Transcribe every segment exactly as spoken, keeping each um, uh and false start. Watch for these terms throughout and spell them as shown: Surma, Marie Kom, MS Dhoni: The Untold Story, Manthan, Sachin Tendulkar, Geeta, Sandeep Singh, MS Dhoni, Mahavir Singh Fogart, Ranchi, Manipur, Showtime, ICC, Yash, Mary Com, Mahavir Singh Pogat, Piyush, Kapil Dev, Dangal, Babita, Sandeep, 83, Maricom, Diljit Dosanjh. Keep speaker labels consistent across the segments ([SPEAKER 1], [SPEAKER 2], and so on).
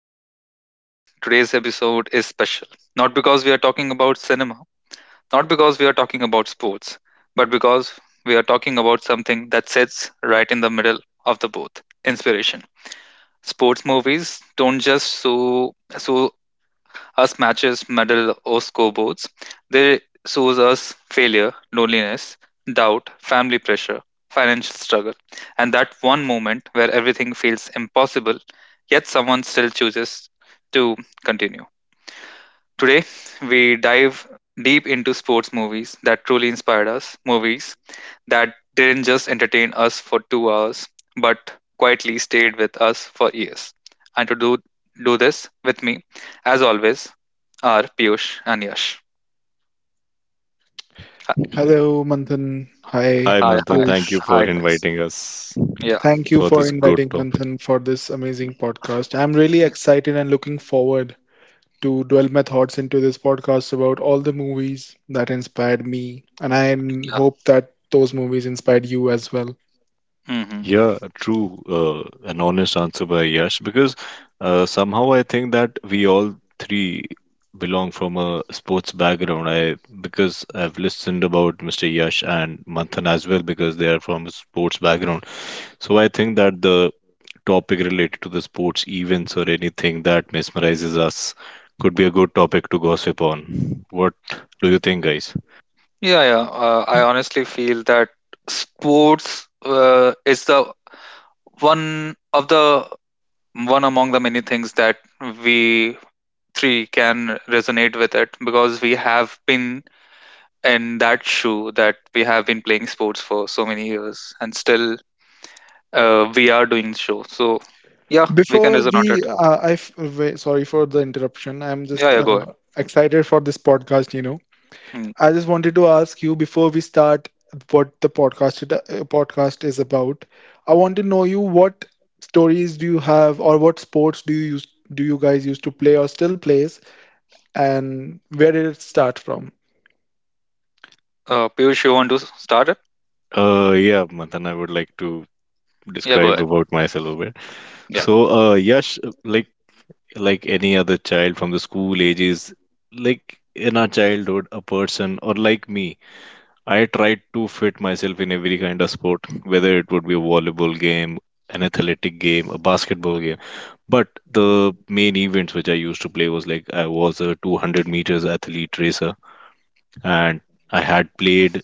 [SPEAKER 1] podcast, everyone. Today's episode is special. Not because we are talking about cinema, not because we are talking about sports, but because we are talking about something that sits right in the middle of the both inspiration. Sports movies don't just so, so us matches, medal, or scoreboards. They shows us failure, loneliness, doubt, family pressure, financial struggle, and that one moment where everything feels impossible, yet someone still chooses to continue. Today, we dive deep into sports movies that truly inspired us, movies that didn't just entertain us for two hours, but quietly stayed with us for years. And to do, do this with me, as always, are Piyush and Yash.
[SPEAKER 2] Hello, Manthan. Hi,
[SPEAKER 3] Hi,
[SPEAKER 1] Hi,
[SPEAKER 3] Manthan.
[SPEAKER 1] hi,
[SPEAKER 3] Thank you
[SPEAKER 2] Piyush.
[SPEAKER 1] hi,
[SPEAKER 3] for
[SPEAKER 1] guys.
[SPEAKER 3] inviting us
[SPEAKER 1] Yeah,
[SPEAKER 2] Thank you
[SPEAKER 3] for
[SPEAKER 2] for
[SPEAKER 3] this good
[SPEAKER 2] inviting
[SPEAKER 3] topic.
[SPEAKER 2] Manthan for this amazing podcast. I'm really excited and looking forward to dwell my thoughts into this podcast about all the movies that inspired me, and I
[SPEAKER 1] yeah.
[SPEAKER 2] hope that those movies inspired you as well.
[SPEAKER 1] Hmm.
[SPEAKER 3] Yeah, true. Uh, an honest answer by Yash because uh, somehow I think that we all three belong from a sports background. I because I've listened about mister Yash and Manthan as well because they are from a sports background. So I think that the topic related to the sports events or anything that mesmerizes us could be a good topic to gossip on. What do you think, guys?
[SPEAKER 1] Yeah, yeah. Uh, I honestly feel that sports uh, is the one of the one among the many things that we three can resonate with it because we have been in that show that we have been playing sports for so many years and still uh, we are doing show. So yeah, we can
[SPEAKER 2] Before
[SPEAKER 1] reason on
[SPEAKER 2] we,
[SPEAKER 1] it.
[SPEAKER 2] uh, I f- wa- Sorry for the interruption. I'm
[SPEAKER 1] Yeah,
[SPEAKER 2] just
[SPEAKER 1] yeah,
[SPEAKER 2] uh,
[SPEAKER 1] go ahead.
[SPEAKER 2] excited for this podcast. You know,
[SPEAKER 1] Mm.
[SPEAKER 2] I just wanted to ask you before we start what the podcast it- uh, podcast is about. I want to know you what stories do you have or what sports do you use, do you guys used to play or still plays and where did it start from?
[SPEAKER 1] Uh, Piyush, you want to s- start it?
[SPEAKER 3] Uh, yeah, Manthan, I would like to
[SPEAKER 1] Yeah, go
[SPEAKER 3] describe
[SPEAKER 1] ahead.
[SPEAKER 3] about myself a bit.
[SPEAKER 1] Yeah.
[SPEAKER 3] So, uh, Yash, like like any other child from the school ages, like in our childhood, a person or like me, I tried to fit myself in every kind of sport, whether it would be a volleyball game, an athletic game, a basketball game. But the main events which I used to play was like I was a two hundred meters athlete racer, and I had played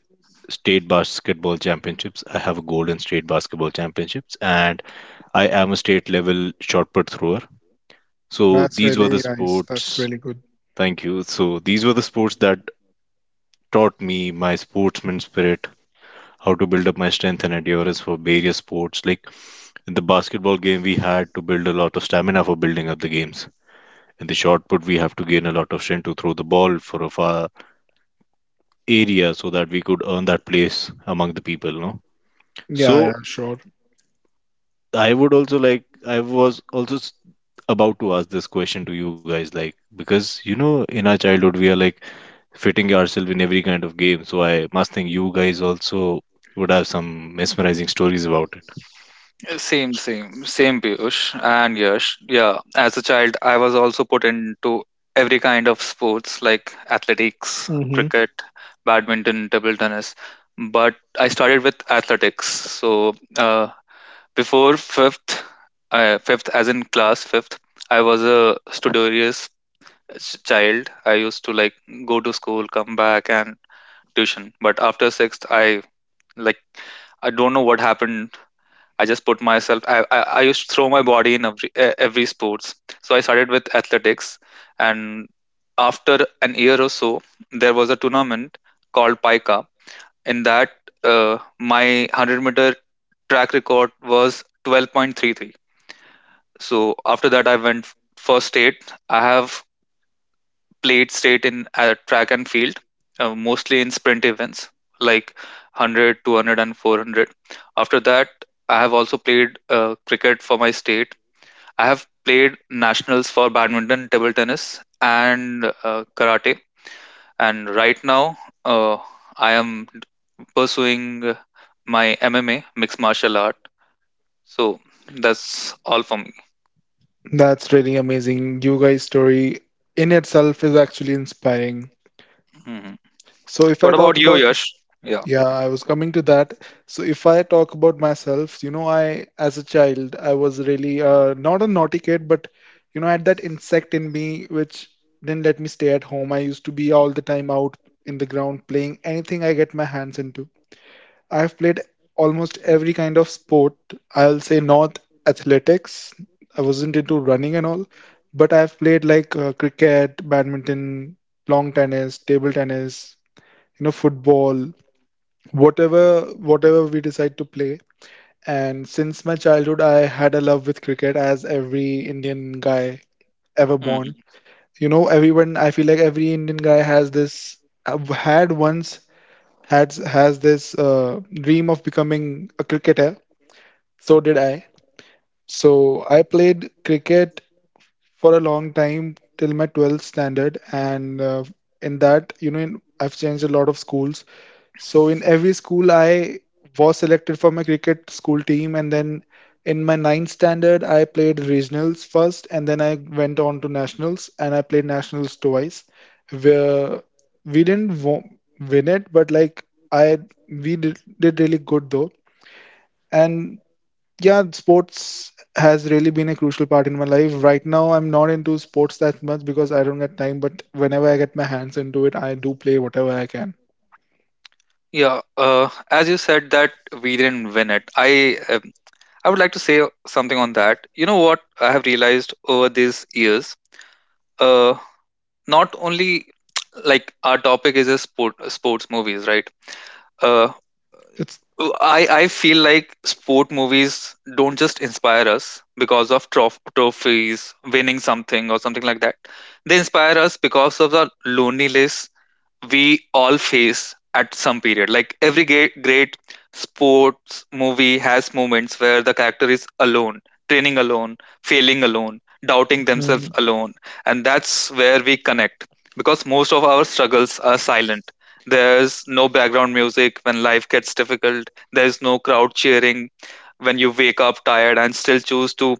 [SPEAKER 3] state basketball championships. I have a gold in state basketball championships, and I am a state level shot put thrower. So
[SPEAKER 2] That's
[SPEAKER 3] these were the
[SPEAKER 2] really nice. That's
[SPEAKER 3] sports.
[SPEAKER 2] really good.
[SPEAKER 3] Thank you. So these were the sports that taught me my sportsman spirit, how to build up my strength and endurance for various sports. Like in the basketball game, we had to build a lot of stamina for building up the games. In the shot put, we have to gain a lot of strength to throw the ball for a far area so that we could earn that place among the people. No,
[SPEAKER 2] Yeah,
[SPEAKER 3] so
[SPEAKER 2] yeah, sure.
[SPEAKER 3] I would also like, I was also s- about to ask this question to you guys, like, because, you know, in our childhood, we are like fitting ourselves in every kind of game. So I must think you guys also would have some mesmerizing stories about it.
[SPEAKER 1] Uh, Same, same, same Piyush and Yash. Yeah, as a child, I was also put into every kind of sports like athletics,
[SPEAKER 2] hmm
[SPEAKER 1] cricket, badminton, table tennis. But I started with athletics. So uh, before fifth, uh, fifth as in class fifth, I was a studious ch- child. I used to like go to school, come back, and tuition. But after sixth, I like I don't know what happened. I just put myself. I I, I used to throw my body in every e- every sports. So I started with athletics, and after an year or so, there was a tournament called Pika. In that, uh, my hundred meter track record was twelve point three three, so after that, I went f- for state. I have played state in uh, track and field, uh, mostly in sprint events like hundred, two hundred, and four hundred. After that, I have also played uh, cricket for my state. I have played nationals for badminton, table tennis, and uh, karate. And right now, uh, I am d- pursuing uh, my M M A, mixed martial art. So that's all for me.
[SPEAKER 2] That's really amazing. You guys' story in itself is actually inspiring.
[SPEAKER 1] Mhm.
[SPEAKER 2] So if I
[SPEAKER 1] What about
[SPEAKER 2] talk
[SPEAKER 1] you,
[SPEAKER 2] about
[SPEAKER 1] Yash?
[SPEAKER 2] Yeah, I was coming to that. So if I talk about myself, you know, I as a child, I was really uh, not a naughty kid, but you know, I had that insect in me which didn't let me stay at home. I used to be all the time out in the ground playing anything I get my hands into. I've played almost every kind of sport. I'll say not athletics. I wasn't into running and all, but I've played like uh, cricket, badminton, long tennis, table tennis, you know, football, whatever whatever we decide to play. And since my childhood, I had a love with cricket. As every Indian guy ever
[SPEAKER 1] Mhm.
[SPEAKER 2] born, you know, everyone, I feel like every Indian guy has this had once had has this uh, dream of becoming a cricketer. So did I. So I played cricket for a long time till my twelfth standard, and uh, in that you know in, I've changed a lot of schools. So in every school, I was selected for my cricket school team, and then in my ninth standard, I played regionals first, and then I went on to nationals, and I played nationals twice. Where we didn't wo- win it, but like I we did, did really good though. And yeah, sports has really been a crucial part in my life. Right now, I'm not into sports that much because I don't get time, but whenever I get my hands into it, I do play whatever I can.
[SPEAKER 1] Yeah, uh, as you said that we didn't win it. I um, I would like to say something on that. You know what I have realized over these years? Uh, Not only like our topic is a sport sports movies, right? Uh,
[SPEAKER 2] It's
[SPEAKER 1] I I feel like sport movies don't just inspire us because of trof- trophies, winning something or something like that. They inspire us because of the loneliness we all face at some period. Like every great, great sports movie has moments where the character is alone, training alone, failing alone, doubting themselves
[SPEAKER 2] Mhm.
[SPEAKER 1] alone. And that's where we connect because most of our struggles are silent. There's no background music when life gets difficult, there's no crowd cheering when you wake up tired and still choose to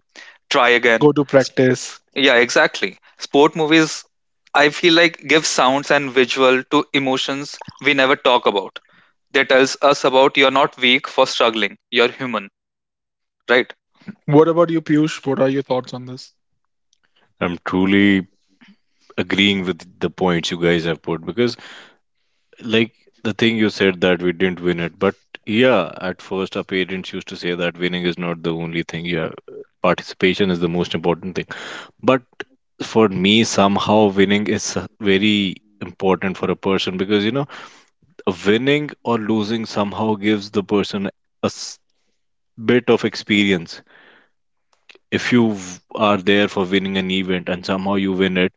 [SPEAKER 1] try
[SPEAKER 2] Go
[SPEAKER 1] again.
[SPEAKER 2] to practice.
[SPEAKER 1] Yeah, exactly. Sport movies, I feel like, give sounds and visual to emotions we never talk about. They tells us about you're not weak for struggling. You're human, right?
[SPEAKER 2] What about you, Piyush? What are your thoughts on this?
[SPEAKER 3] I'm truly agreeing with the points you guys have put because, like, the thing you said that we didn't win it, but yeah, at first our parents used to say that winning is not the only thing. Yeah, participation is the most important thing, but for me somehow winning is uh, very important for a person because, you know, winning or losing somehow gives the person a s- bit of experience. If you v- are there for winning an event and somehow you win it,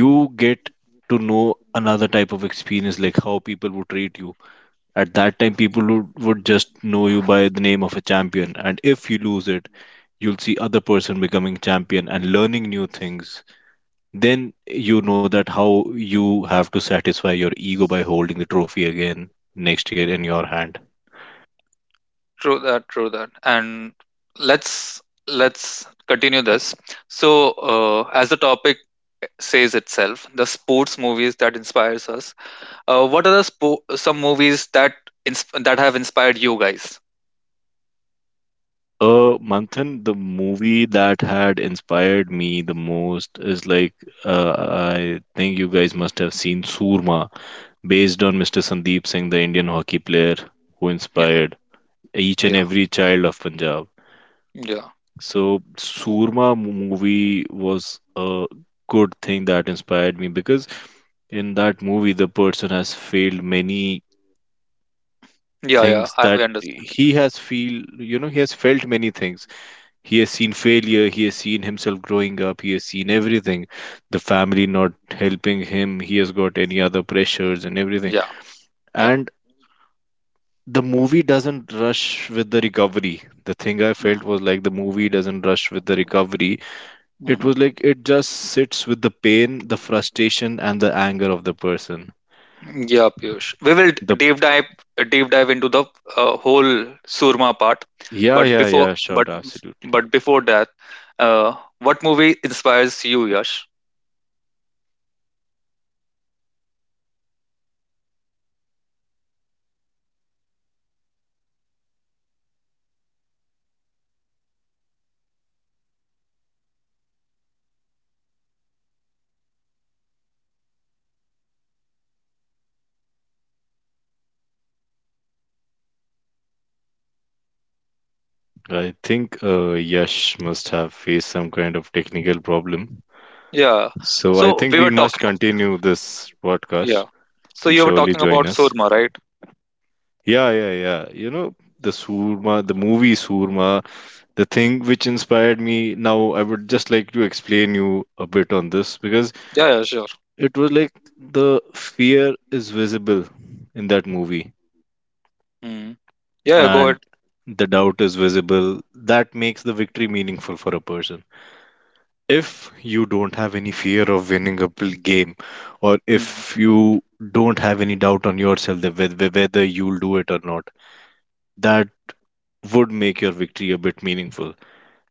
[SPEAKER 3] you get to know another type of experience, like how people would treat you. At that time people would, would just know you by the name of a champion, and if you lose it, you'll see other person becoming champion and learning new things. Then you know that how you have to satisfy your ego by holding the trophy again next year in your hand.
[SPEAKER 1] True that. True that. And let's let's continue this. So, uh, as the topic says itself, the sports movies that inspires us. Uh, what are the spo- some movies that insp- that have inspired you guys?
[SPEAKER 3] Uh, Manthan, the movie that had inspired me the most is like, uh, I think you guys must have seen Surma, based on mister Sandeep Singh, the Indian hockey player who
[SPEAKER 1] Yeah,
[SPEAKER 3] inspired each and
[SPEAKER 1] yeah,
[SPEAKER 3] every child of Punjab.
[SPEAKER 1] yeah,
[SPEAKER 3] So Surma movie was a good thing that inspired me because in that movie the person has failed many
[SPEAKER 1] yeah, yeah,
[SPEAKER 3] things
[SPEAKER 1] I
[SPEAKER 3] that
[SPEAKER 1] understand.
[SPEAKER 3] he has feel you know He has felt many things, he has seen failure, he has seen himself growing up, he has seen everything, the family not helping him, he has got any other pressures and everything,
[SPEAKER 1] Yeah, yeah.
[SPEAKER 3] and the movie doesn't rush with the recovery the thing I felt was like the movie doesn't rush with the recovery. It was
[SPEAKER 1] Hmm.
[SPEAKER 3] like it just sits with the pain, the frustration, and the anger of the person.
[SPEAKER 1] Yeah, Piyush. We will
[SPEAKER 3] The
[SPEAKER 1] d- deep dive deep dive into the uh, whole Surma part,
[SPEAKER 3] yeah,
[SPEAKER 1] but
[SPEAKER 3] yeah,
[SPEAKER 1] before
[SPEAKER 3] yeah, sure,
[SPEAKER 1] but
[SPEAKER 3] absolutely.
[SPEAKER 1] but before that, uh, what movie inspires you, Yash?
[SPEAKER 3] I think uh, Yash must have faced some kind of technical problem.
[SPEAKER 1] Yeah.
[SPEAKER 3] So I
[SPEAKER 1] So
[SPEAKER 3] think
[SPEAKER 1] we
[SPEAKER 3] we
[SPEAKER 1] were
[SPEAKER 3] must
[SPEAKER 1] talking.
[SPEAKER 3] continue this podcast.
[SPEAKER 1] Yeah. So
[SPEAKER 3] He'll
[SPEAKER 1] you were
[SPEAKER 3] surely
[SPEAKER 1] talking about
[SPEAKER 3] join us.
[SPEAKER 1] Surma, right?
[SPEAKER 3] Yeah, yeah, yeah. You know, the Surma, the movie Surma, the thing which inspired me. Now, I would just like to explain you a bit on this because
[SPEAKER 1] Yeah. Yeah. Sure.
[SPEAKER 3] it was like the fear is visible in that movie,
[SPEAKER 1] Mm. Yeah. Yeah, go
[SPEAKER 3] and
[SPEAKER 1] ahead.
[SPEAKER 3] the doubt is visible. That makes the victory meaningful for a person. If you don't have any fear of winning a pl- game, or
[SPEAKER 1] Mm.
[SPEAKER 3] if you don't have any doubt on yourself that whe- whe- whether you'll do it or not, that would make your victory a bit meaningful.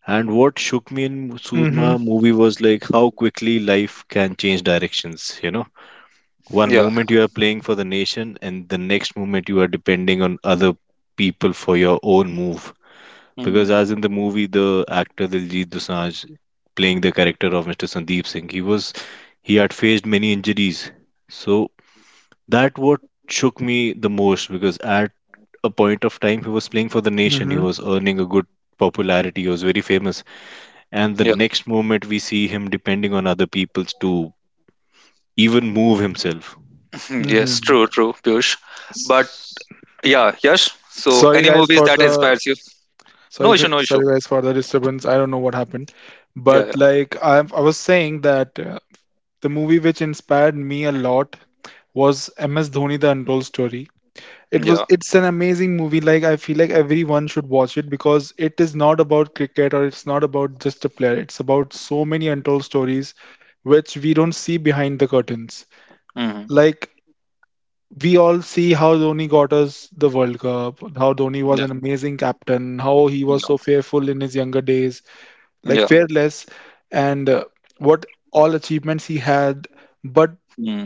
[SPEAKER 3] And what shook me in
[SPEAKER 2] Mm-hmm.
[SPEAKER 3] Surma movie was like how quickly life can change directions, you know? One
[SPEAKER 1] Yeah.
[SPEAKER 3] moment you are playing for the nation, and the next moment you are depending on other people for your own move. Because,
[SPEAKER 1] Mm.
[SPEAKER 3] as in the movie, the actor Diljit Dosanjh playing the character of mister Sandeep Singh, he was he had faced many injuries. So that what shook me the most, because at a point of time he was playing for the nation, he
[SPEAKER 2] Mm-hmm.
[SPEAKER 3] was earning a good popularity, he was very famous, and the
[SPEAKER 1] Yeah.
[SPEAKER 3] next moment we see him depending on other people's to even move himself.
[SPEAKER 1] Hmm, yes.
[SPEAKER 2] Mm-hmm.
[SPEAKER 1] True. True, Piyush.
[SPEAKER 2] S-
[SPEAKER 1] But yeah, Yash. So
[SPEAKER 2] Sorry,
[SPEAKER 1] any
[SPEAKER 2] guys,
[SPEAKER 1] movies
[SPEAKER 2] for
[SPEAKER 1] that
[SPEAKER 2] the
[SPEAKER 1] inspires you? No
[SPEAKER 2] sorry,
[SPEAKER 1] issue.
[SPEAKER 2] gu-
[SPEAKER 1] No issue.
[SPEAKER 2] sorry, guys, for the disturbance. I don't know what happened,
[SPEAKER 1] Yeah. Yeah.
[SPEAKER 2] but like I, I was saying that uh, the movie which inspired me a lot was M S Dhoni: The Untold Story. It was
[SPEAKER 1] Yeah.
[SPEAKER 2] it's an amazing movie. Like I feel like everyone should watch it because it is not about cricket or it's not about just a player. It's about so many untold stories which we don't see behind the curtains.
[SPEAKER 1] Mm.
[SPEAKER 2] Like we all see how Dhoni got us the World Cup, how Dhoni was
[SPEAKER 1] Yeah.
[SPEAKER 2] an amazing captain, how he was
[SPEAKER 1] Yeah.
[SPEAKER 2] so fearful in his younger days, like
[SPEAKER 1] Yeah.
[SPEAKER 2] fearless, and uh, what all achievements he had. But
[SPEAKER 1] Hmm.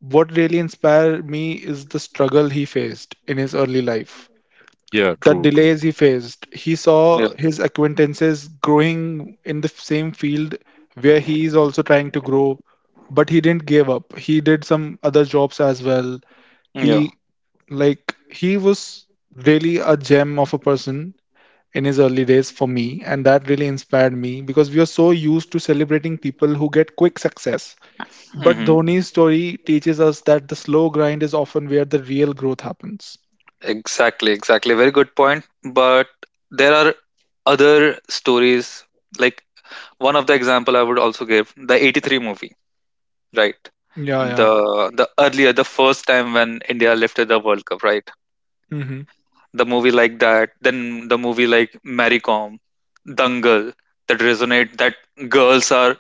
[SPEAKER 2] what really inspired me is the struggle he faced in his early life,
[SPEAKER 3] Yeah,
[SPEAKER 2] the
[SPEAKER 3] true, true.
[SPEAKER 2] delays he faced. He
[SPEAKER 1] Yeah.
[SPEAKER 2] saw his acquaintances growing in the same field where he is also trying to grow, but he didn't give up. He did some other jobs as well.
[SPEAKER 1] Yeah.
[SPEAKER 2] He like he was really a gem of a person in his early days for me, and that really inspired me because we are so used to celebrating people who get quick success, but
[SPEAKER 1] Hmm.
[SPEAKER 2] Dhoni's story teaches us that the slow grind is often where the real growth happens.
[SPEAKER 1] Exactly. Exactly. Very good point. But there are other stories. Like one of the example I would also give the 'eighty-three movie, right?
[SPEAKER 2] Yeah, yeah.
[SPEAKER 1] The the earlier the first time when India lifted the World Cup, right?
[SPEAKER 2] Mm-hmm.
[SPEAKER 1] The movie like that. Then the movie like Maricom, Dangal, that resonate that girls are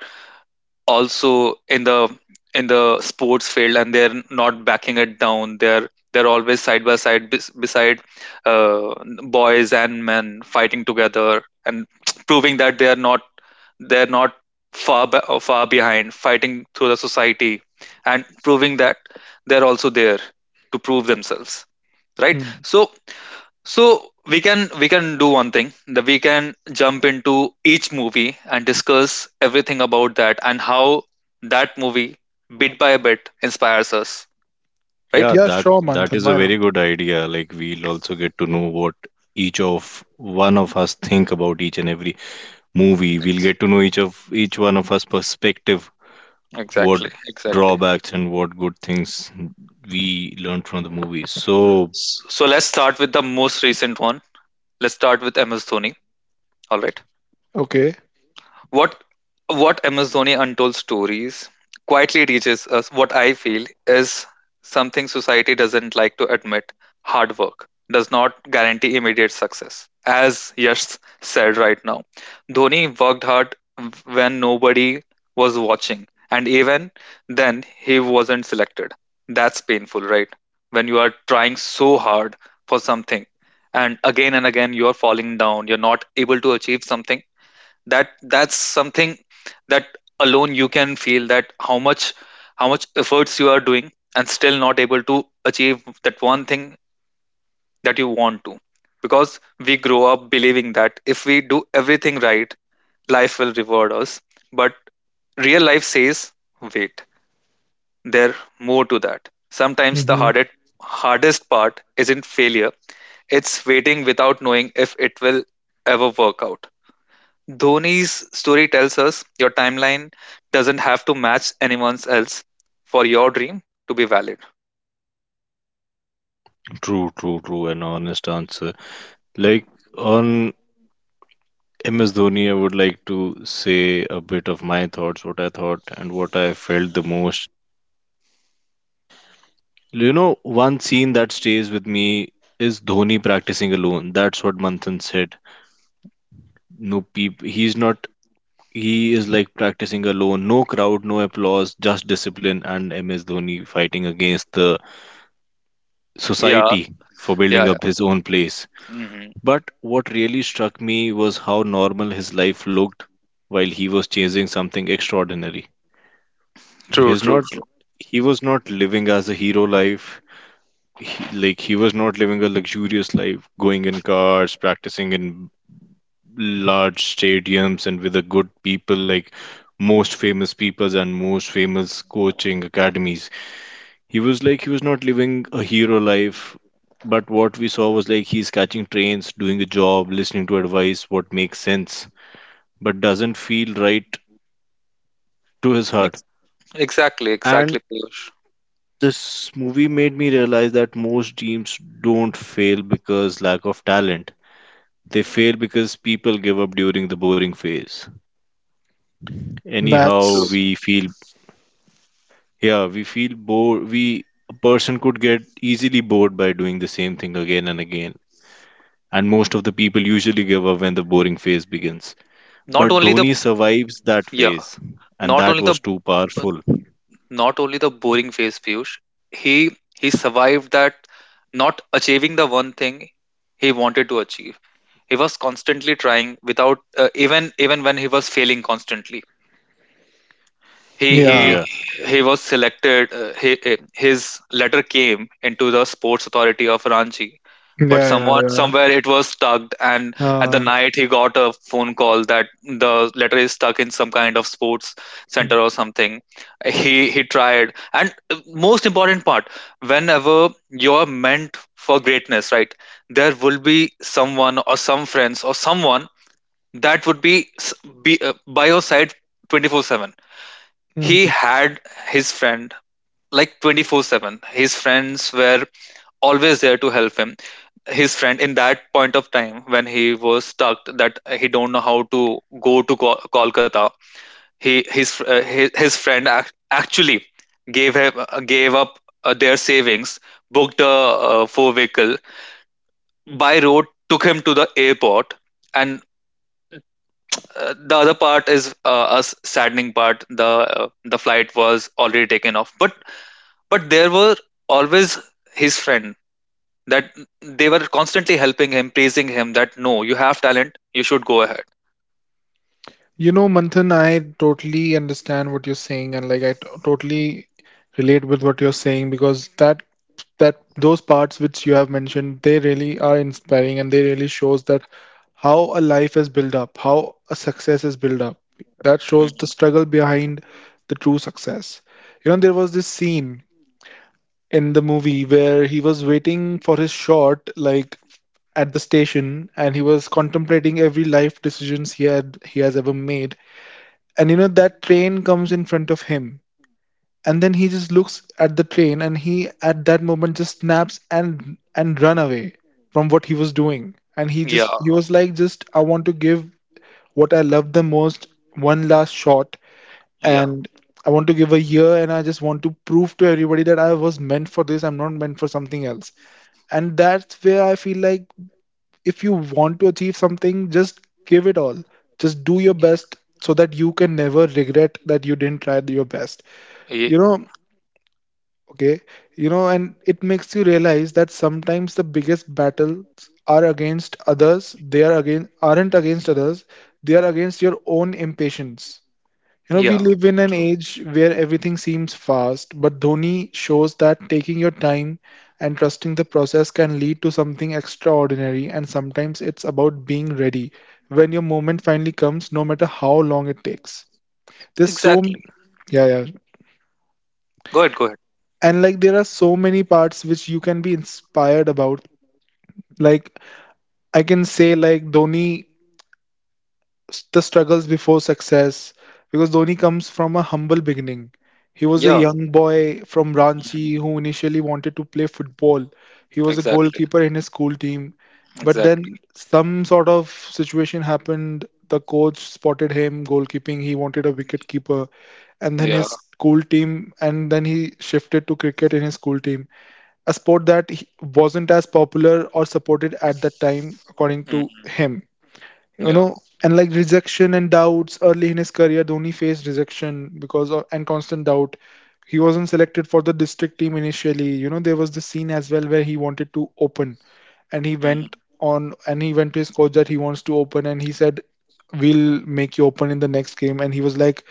[SPEAKER 1] also in the in the sports field and they're not backing it down, they're they're always side by side bes- beside uh, boys and men fighting together and proving that they're not they're not far be- uh, far behind, fighting through the society and proving that they're also there to prove themselves, right?
[SPEAKER 2] Hmm.
[SPEAKER 1] So so we can we can do one thing that we can jump into each movie and discuss everything about that and how that movie bit by bit inspires us, right?
[SPEAKER 3] Yeah,
[SPEAKER 2] Yeah,
[SPEAKER 3] that
[SPEAKER 2] sure,
[SPEAKER 3] that
[SPEAKER 2] Manthan,
[SPEAKER 3] is a
[SPEAKER 2] why not?
[SPEAKER 3] very good idea. Like we'll also get to know what each of one of us think about each and every movie. We'll get to know each of each one of us perspective, what
[SPEAKER 1] Exactly, exactly.
[SPEAKER 3] drawbacks and what good things we learned from the movie. So
[SPEAKER 1] So let's start with the most recent one. Let's start with M S Dhoni. All right.
[SPEAKER 2] Okay.
[SPEAKER 1] What what Amazonia Untold Stories quietly teaches us what I feel is something society doesn't like to admit. Hard work does not guarantee immediate success. As Yash said right now, Dhoni worked hard when nobody was watching, and even then, he wasn't selected. That's painful, right? When you are trying so hard for something, and again and again, you are falling down, you're not able to achieve something, that that's something that alone you can feel that how much how much efforts you are doing and still not able to achieve that one thing that you want to, because we grow up believing that if we do everything right, life will reward us. But real life says wait, there more to that. Sometimes the
[SPEAKER 2] Mm-hmm.
[SPEAKER 1] hardest hardest part isn't failure, it's waiting without knowing if it will ever work out. Dhoni's story tells us your timeline doesn't have to match anyone else for your dream to be valid.
[SPEAKER 3] true, true, true, an honest answer. Like on M S Dhoni, I would like to say a bit of my thoughts, what I thought and what I felt the most. You know, one scene that stays with me is Dhoni practicing alone. That's what Manthan said. No peep. He's not. He is like practicing alone. No crowd, no applause, just discipline and M S Dhoni fighting against the
[SPEAKER 1] Yeah,
[SPEAKER 3] society for
[SPEAKER 1] yeah,
[SPEAKER 3] building up
[SPEAKER 1] yeah.
[SPEAKER 3] his own place.
[SPEAKER 1] Hmm.
[SPEAKER 3] But what really struck me was how normal his life looked while he was chasing something extraordinary.
[SPEAKER 1] True,
[SPEAKER 3] He's
[SPEAKER 1] true,
[SPEAKER 3] not.
[SPEAKER 1] true.
[SPEAKER 3] He was not living as a hero life. he, like he was not living a luxurious life, going in cars, practicing in large stadiums and with a good people like most famous peoples and most famous coaching academies. He was like he was not living a hero life, but what we saw was like he's catching trains, doing a job, listening to advice, what makes sense, but doesn't feel right to his heart.
[SPEAKER 1] Ex- Exactly, exactly,
[SPEAKER 3] And
[SPEAKER 1] Piyush.
[SPEAKER 3] this movie made me realize that most teams don't fail because lack of talent. They fail because people give up during the boring phase. Anyhow,
[SPEAKER 1] True.
[SPEAKER 3] we feel, yeah, we feel bored. We, a person could get easily bored by doing the same thing again and again. And most of the people usually give up when the boring phase begins.
[SPEAKER 1] Not
[SPEAKER 3] But
[SPEAKER 1] only the
[SPEAKER 3] Dhoni survives that
[SPEAKER 1] yeah,
[SPEAKER 3] phase. And
[SPEAKER 1] Not
[SPEAKER 3] that
[SPEAKER 1] only the
[SPEAKER 3] was too powerful.
[SPEAKER 1] not only the boring phase, Piyush. He he survived that, not achieving the one thing he wanted to achieve. He was constantly trying without uh, even even when he was failing constantly. he
[SPEAKER 2] Yeah,
[SPEAKER 1] he
[SPEAKER 3] Yeah.
[SPEAKER 1] he was selected, uh, he, eh, his letter came into the sports authority of Ranchi, but
[SPEAKER 2] yeah, yeah,
[SPEAKER 1] someone
[SPEAKER 2] yeah,
[SPEAKER 1] somewhere it was stuck, and at the
[SPEAKER 2] uh,
[SPEAKER 1] night he got a phone call that the letter is stuck in some kind of sports center or something. He he tried, and uh, most important part, whenever you're meant for greatness, right, there will be someone or some friends or someone that would be s- be uh, by your side twenty-four seven. He
[SPEAKER 2] mm-hmm.
[SPEAKER 1] had his friend like twenty-four seven his friends were always there to help him. His friend, in that point of time when he was stuck, that he don't know how to go to Ko- kolkata, he his uh, his, his friend ac- actually gave him uh, gave up uh, their savings, booked a uh, four vehicle, by road took him to the airport. And uh, the other part is uh, a s- saddening part, the uh, the flight was already taken off, but But there were always his friend that they were constantly helping him, praising him that no, you have talent, you should go ahead.
[SPEAKER 2] You know, Manthan, I totally understand what you're saying, and like I t- totally relate with what you're saying, because that that those parts which you have mentioned, they really are inspiring, and they really shows that how a life is built up, how a success is built up. That shows the
[SPEAKER 1] Mhm.
[SPEAKER 2] struggle behind the true success. You know, there was this scene in the movie where he was waiting for his shot, like at the station, and he was contemplating every life decisions he had he has ever made, and you know that train comes in front of him, and then he just looks at the train, and he at that moment just snaps and and run away from what he was doing, and he
[SPEAKER 1] Yeah,
[SPEAKER 2] just he was like, just I want to give what I love the most one last shot,
[SPEAKER 1] yeah,
[SPEAKER 2] and I want to give a year, and I just want to prove to everybody that I was meant for this. I'm not meant for something else. And that's where I feel like if you want to achieve something, just give it all. Just do your
[SPEAKER 1] y-
[SPEAKER 2] best so that you can never regret that you didn't try your best.
[SPEAKER 1] y-
[SPEAKER 2] You know, okay, you know, and it makes you realize that sometimes the biggest battles are against others, they are again aren't against others, they are against your own impatience. You know, we
[SPEAKER 1] yeah,
[SPEAKER 2] live in an
[SPEAKER 1] true.
[SPEAKER 2] age where everything seems fast, but Dhoni shows that taking your time and trusting the process can lead to something extraordinary, and sometimes it's about being ready when your moment finally comes, no matter how long it takes. There's so, m-
[SPEAKER 1] Exactly.
[SPEAKER 2] yeah, yeah.
[SPEAKER 1] Go ahead, go ahead.
[SPEAKER 2] And like, there are so many parts which you can be inspired about. Like, I can say, like, Dhoni, the struggles before success, because Dhoni comes from a humble beginning. He was a
[SPEAKER 1] Yeah.
[SPEAKER 2] young boy from Ranchi
[SPEAKER 1] Mhm.
[SPEAKER 2] who initially wanted to play football. He was a
[SPEAKER 1] Exactly,
[SPEAKER 2] goalkeeper in his school team, but
[SPEAKER 1] exactly.
[SPEAKER 2] then some sort of situation happened. The coach spotted him goalkeeping. He wanted a wicket keeper, and then
[SPEAKER 1] Yeah.
[SPEAKER 2] his school team, and then he shifted to cricket in his school team, a sport that he- wasn't as popular or supported at that time, according to
[SPEAKER 1] Hmm.
[SPEAKER 2] him. You
[SPEAKER 1] Yeah.
[SPEAKER 2] know, and like rejection and doubts early in his career, Dhoni faced rejection because of and constant doubt. He wasn't selected for the district team initially. You know, there was this scene as well where he wanted to open, and he went
[SPEAKER 1] Hmm.
[SPEAKER 2] on, and he went to his coach that he wants to open, and he said, we'll make you open in the next game, and he was like,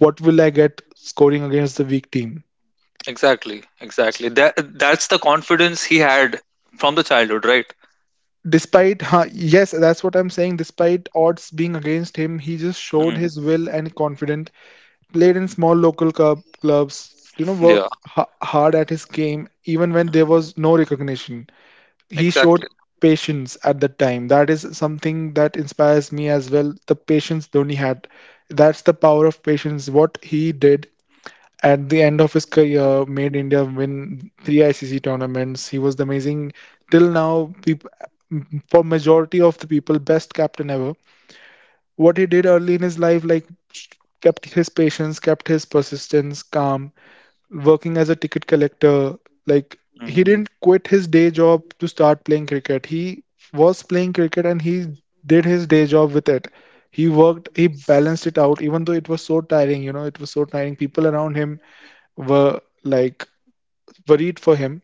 [SPEAKER 2] what will I get scoring against the weak team?
[SPEAKER 1] Exactly, exactly. That that's the confidence he had from the childhood, right?
[SPEAKER 2] Despite huh, yes, that's what I'm saying. Despite odds being against him, he just showed
[SPEAKER 1] Mm.
[SPEAKER 2] his will and confidence, played in small local club, clubs, you know, worked
[SPEAKER 1] Yeah.
[SPEAKER 2] ha- hard at his game even when there
[SPEAKER 1] Mhm.
[SPEAKER 2] was no recognition. He showed
[SPEAKER 1] Exactly.
[SPEAKER 2] patience at the time. That is something that inspires me as well. The patience Dhoni had. That's the power of patience. What he did at the end of his career made India win three I C C tournaments. He was the amazing till now. People, for majority of the people, best captain ever, what he did early in his life, like kept his patience, kept his persistence, calm, working as a ticket collector. Like he
[SPEAKER 1] Hmm.
[SPEAKER 2] didn't quit his day job to start playing cricket. He was playing cricket and he did his day job with it. He worked, he balanced it out, even though it was so tiring. You know, it was so tiring. People around him were like worried for him,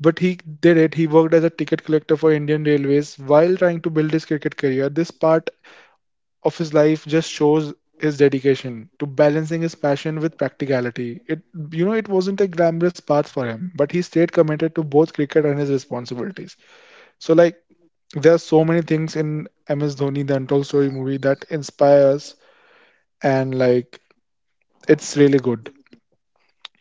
[SPEAKER 2] but he did it. He worked as a ticket collector for Indian Railways while trying to build his cricket career. This part of his life just shows his dedication to balancing his passion with practicality. It, you know, it wasn't a glamorous path for him, but he stayed committed to both cricket and his responsibilities. So like there are so many things in M S Dhoni the Untold Story movie that inspires, and like it's really good.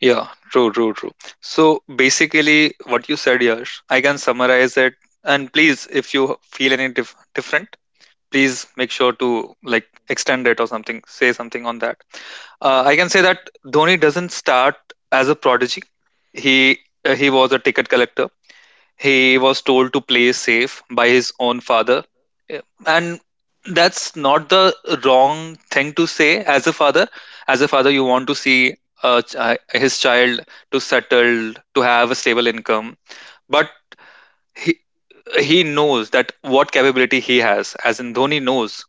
[SPEAKER 1] Yeah, true, true, true. So basically, what you said, Yash, I can summarize it. And please, if you feel any dif- different, please make sure to like extend it or something, say something on that. Uh, I can say that Dhoni doesn't start as a prodigy. He uh, he was a ticket collector. He was told to play safe by his own father. Yeah. And that's not the wrong thing to say as a father. As a father, you want to see a, chi- his child to settle, to have a stable income. But he, he knows that what capability he has, as in Dhoni knows,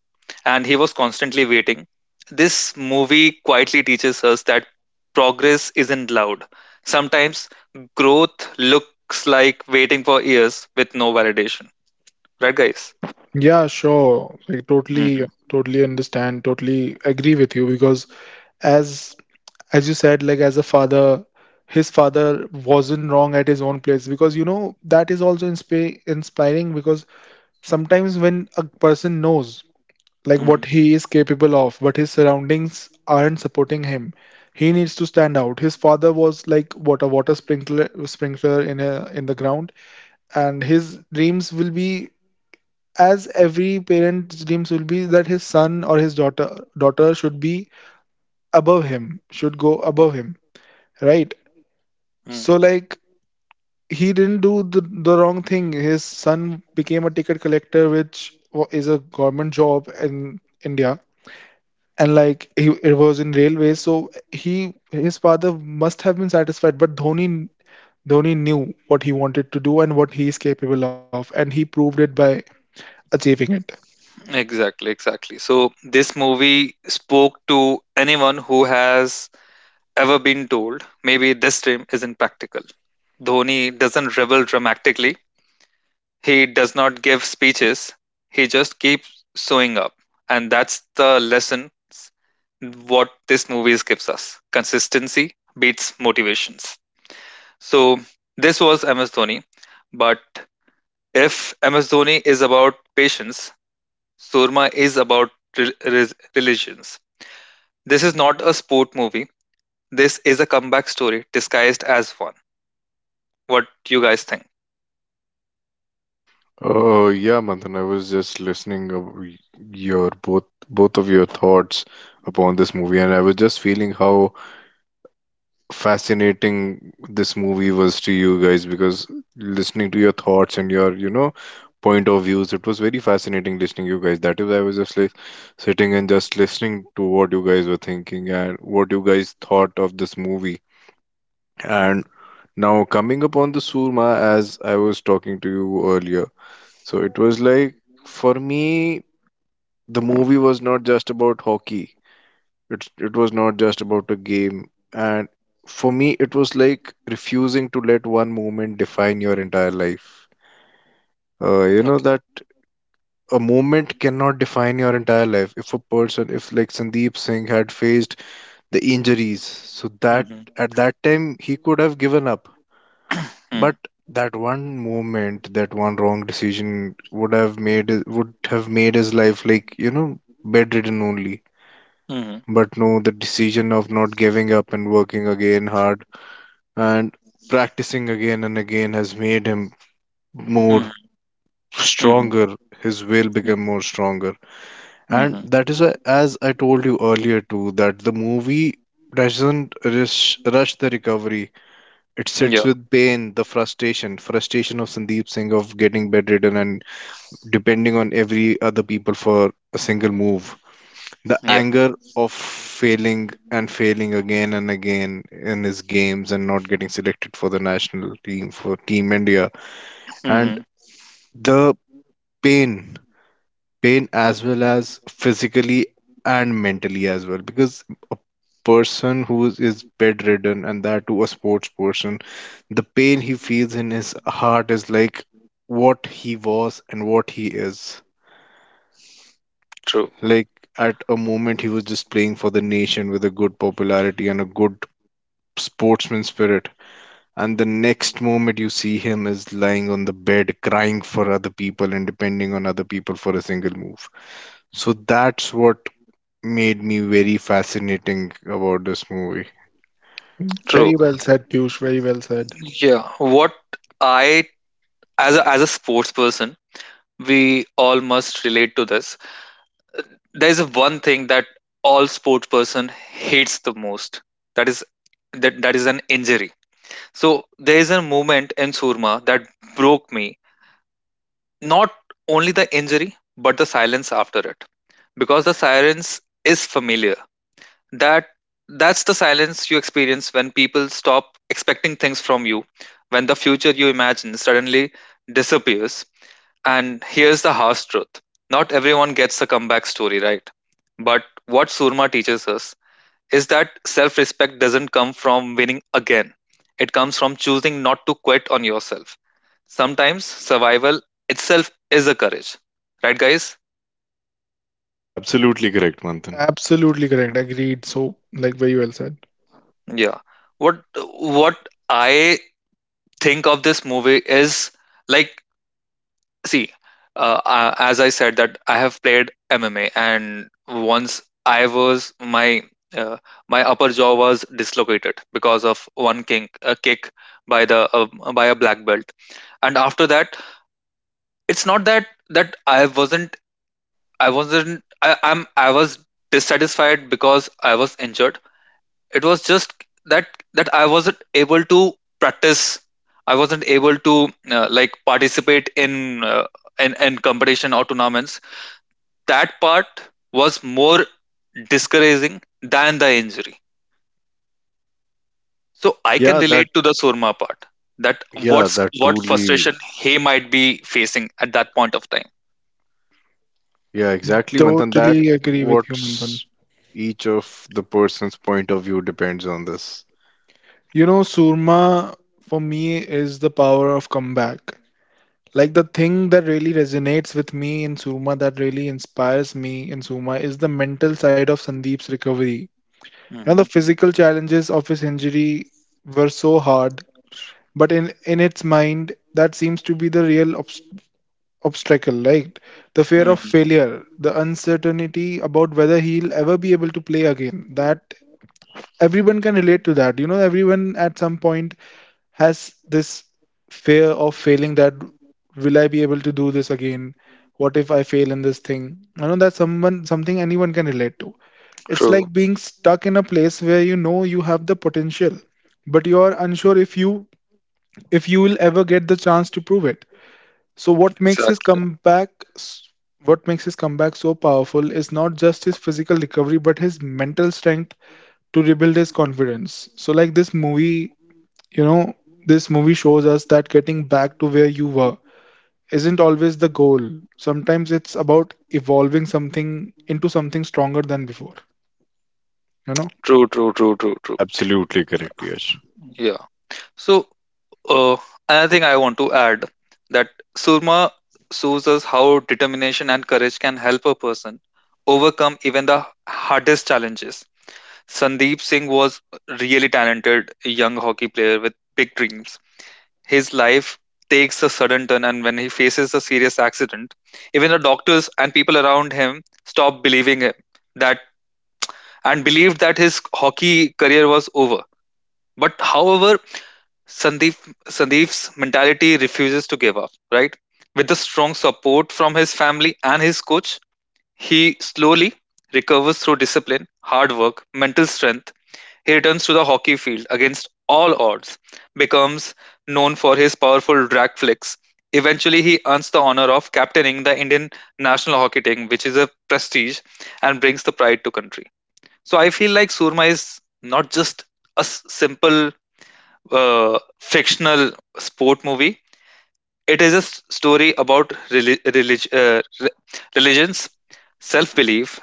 [SPEAKER 1] and he was constantly waiting. This movie quietly teaches us that progress isn't loud. Sometimes growth looks like waiting for years with no validation. Right, guys?
[SPEAKER 2] Yeah, sure. Like totally
[SPEAKER 1] Hmm.
[SPEAKER 2] totally understand, totally agree with you, because as as you said, like as a father, his father wasn't wrong at his own place, because you know that is also insp- inspiring, because sometimes when a person knows like what
[SPEAKER 1] Hmm.
[SPEAKER 2] he is capable of, but his surroundings aren't supporting him, he needs to stand out. His father was like what a water sprinkler sprinkler in a in the ground, and his dreams will be as every parent's dreams will be, that his son or his daughter daughter should be above him, should go above him, right?
[SPEAKER 1] Mm.
[SPEAKER 2] So like he didn't do the, the wrong thing. His son became a ticket collector, which wa- is a government job in India, and like he it was in railways. So he his father must have been satisfied, but Dhoni Dhoni knew what he wanted to do and what he is capable of, and he proved it by achieving it.
[SPEAKER 1] Exactly, exactly. So this movie spoke to anyone who has ever been told maybe this dream isn't practical. Dhoni doesn't revel dramatically. He does not give speeches, he just keeps showing up. And that's the lesson what this movie gives us. Consistency beats motivations. So this was M S Dhoni, but if M S Dhoni is about patience, Surma is about re- re- religions. This is not a sport movie. This is a comeback story disguised as one. What you guys think?
[SPEAKER 3] Oh yeah, Manthan, I was just listening of your both both of your thoughts upon this movie, and I was just feeling how fascinating this movie was to you guys because listening to your thoughts and your, you know, point of views, it was very fascinating listening you guys. That is, I was just like sitting and just listening to what you guys were thinking and what you guys thought of this movie. And now coming upon the Surma, as I was talking to you earlier, so it was like for me, the movie was not just about hockey. It's it was not just about a game. And for me, it was like refusing to let one moment define your entire life. Uh, you know
[SPEAKER 1] Okay.
[SPEAKER 3] that a moment cannot define your entire life. If a person, if like Sandeep Singh had faced the injuries, so that
[SPEAKER 1] Mm-hmm.
[SPEAKER 3] at that time he could have given up. But that one moment, that one wrong decision would have made would have made his life like, you know, bedridden only.
[SPEAKER 1] Mm-hmm.
[SPEAKER 3] But no, the decision of not giving up and working again hard and practicing again and again has made him more
[SPEAKER 1] Mm-hmm. Mm-hmm.
[SPEAKER 3] stronger. His will become
[SPEAKER 1] Mm-hmm.
[SPEAKER 3] more stronger. And
[SPEAKER 1] Mm-hmm.
[SPEAKER 3] that is why, as I told you earlier too, that the movie doesn't rush, rush the recovery. It sits
[SPEAKER 1] Yeah.
[SPEAKER 3] with pain, the frustration, frustration of Sandeep Singh of getting bedridden and depending on every other people for a single move. The
[SPEAKER 1] Yeah.
[SPEAKER 3] anger of failing and failing again and again in his games and not getting selected for the national team for Team India, and
[SPEAKER 1] Hmm.
[SPEAKER 3] the pain, pain, as well as physically and mentally as well, because person who is is bedridden, and that to a sports person, the pain he feels in his heart is like what he was and what he is.
[SPEAKER 1] True.
[SPEAKER 3] Like at a moment he was just playing for the nation with a good popularity and a good sportsman spirit. And the next moment you see him is lying on the bed, crying for other people and depending on other people for a single move. So that's what made me very fascinating about this movie.
[SPEAKER 1] True.
[SPEAKER 2] Very well said, Piyush. Very well said.
[SPEAKER 1] Yeah. What I as a as a sports person, we all must relate to this. There's one thing that all sports person hates the most. That is that that is an injury. So there is a moment in Surma that broke me. Not only the injury, but the silence after it. Because the silence is familiar. that that's the silence you experience when people stop expecting things from you, when the future you imagine suddenly disappears. And here's the harsh truth: not everyone gets a comeback story, right? But what Surma teaches us is that self-respect doesn't come from winning again. It comes from choosing not to quit on yourself. Sometimes survival itself is a courage, right guys?
[SPEAKER 3] Absolutely correct, Manthan.
[SPEAKER 2] Absolutely correct. Agreed. So like very well said.
[SPEAKER 1] Yeah. What what i think of this movie is, like, see, uh, uh, as I said that I have played M M A, and once I was my uh, my upper jaw was dislocated because of one kink, a kick by the uh, by a black belt. And after that, it's not that that I wasn't, i wasn't I, i'm I was dissatisfied because I was injured. It was just that that I wasn't able to practice, I wasn't able to, uh, like, participate in, uh, in in competition or tournaments. That part was more discouraging than the injury. So I can
[SPEAKER 3] Yeah,
[SPEAKER 1] relate
[SPEAKER 3] that
[SPEAKER 1] to the Surma part. That
[SPEAKER 3] yeah,
[SPEAKER 1] what's
[SPEAKER 3] that
[SPEAKER 1] what
[SPEAKER 3] truly
[SPEAKER 1] frustration he might be facing at that point of time.
[SPEAKER 3] yeah, exactly, Manthan. That
[SPEAKER 2] Totally agree with you, Manthan.
[SPEAKER 3] what's each of the person's point of view depends on this.
[SPEAKER 2] You know, Surma for me is the power of comeback. Like the thing that really resonates with me in Surma, that really inspires me in Surma, is the mental side of Sandeep's recovery. You know, the
[SPEAKER 1] Hmm.
[SPEAKER 2] physical challenges of his injury were so hard, but in in its mind, that seems to be the real obs obstacle, right? The fear of
[SPEAKER 1] Hmm.
[SPEAKER 2] failure, the uncertainty about whether he'll ever be able to play again. That Everyone can relate to that. You know, everyone at some point has this fear of failing that will I be able to do this again? What if I fail in this thing? I know that's someone something anyone can relate to. It's
[SPEAKER 1] True.
[SPEAKER 2] like being stuck in a place where you know you have the potential, but you are unsure if you if you will ever get the chance to prove it. So what makes his
[SPEAKER 1] Exactly.
[SPEAKER 2] comeback s- what makes his comeback so powerful is not just his physical recovery but his mental strength to rebuild his confidence. So like this movie you know, this movie shows us that getting back to where you were isn't always the goal. Sometimes it's about evolving something into something stronger than before. You know,
[SPEAKER 1] True, true, true, true, true.
[SPEAKER 3] Absolutely correct, yes.
[SPEAKER 1] Yeah. So, Uh, another thing I want to add that Surma shows us how determination and courage can help a person overcome even the hardest challenges. Sandeep Singh was really talented young hockey player with big dreams. His life takes a sudden turn, and when he faces a serious accident, even the doctors and people around him stop believing him that and believed that his hockey career was over. But however, Sandeep Sandeep's mentality refuses to give up, right? With the strong support from his family and his coach, he slowly recovers through discipline, hard work, mental strength. He returns to the hockey field against all odds, becomes known for his powerful drag flicks. Eventually, he earns the honor of captaining the Indian national hockey team, which is a prestige and brings the pride to country. So I feel like Surma is not just a s- simple uh, fictional sport movie. It is a s- story about reli- relig- uh, re- religions, self belief,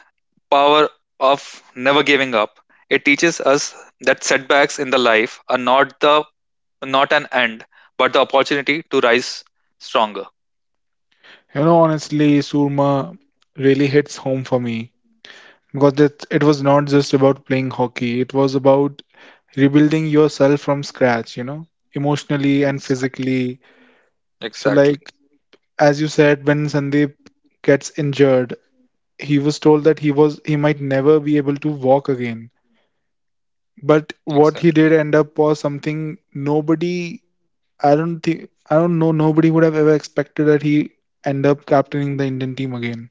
[SPEAKER 1] power of never giving up. It teaches us that setbacks in the life are not the not an end, but the opportunity to rise stronger.
[SPEAKER 2] you know, honestly, Surma really hits home for me because it, it was not just about playing hockey, it was about rebuilding yourself from scratch, you know, emotionally and
[SPEAKER 1] Exactly.
[SPEAKER 2] physically. So,
[SPEAKER 1] Exactly.
[SPEAKER 2] like, as you said, when Sandeep gets injured, he was told that he was he might never be able to walk again. But what he
[SPEAKER 1] Exactly.
[SPEAKER 2] did end up was something nobody, I don't think, I don't know, nobody would have ever expected that he end up captaining the Indian team again.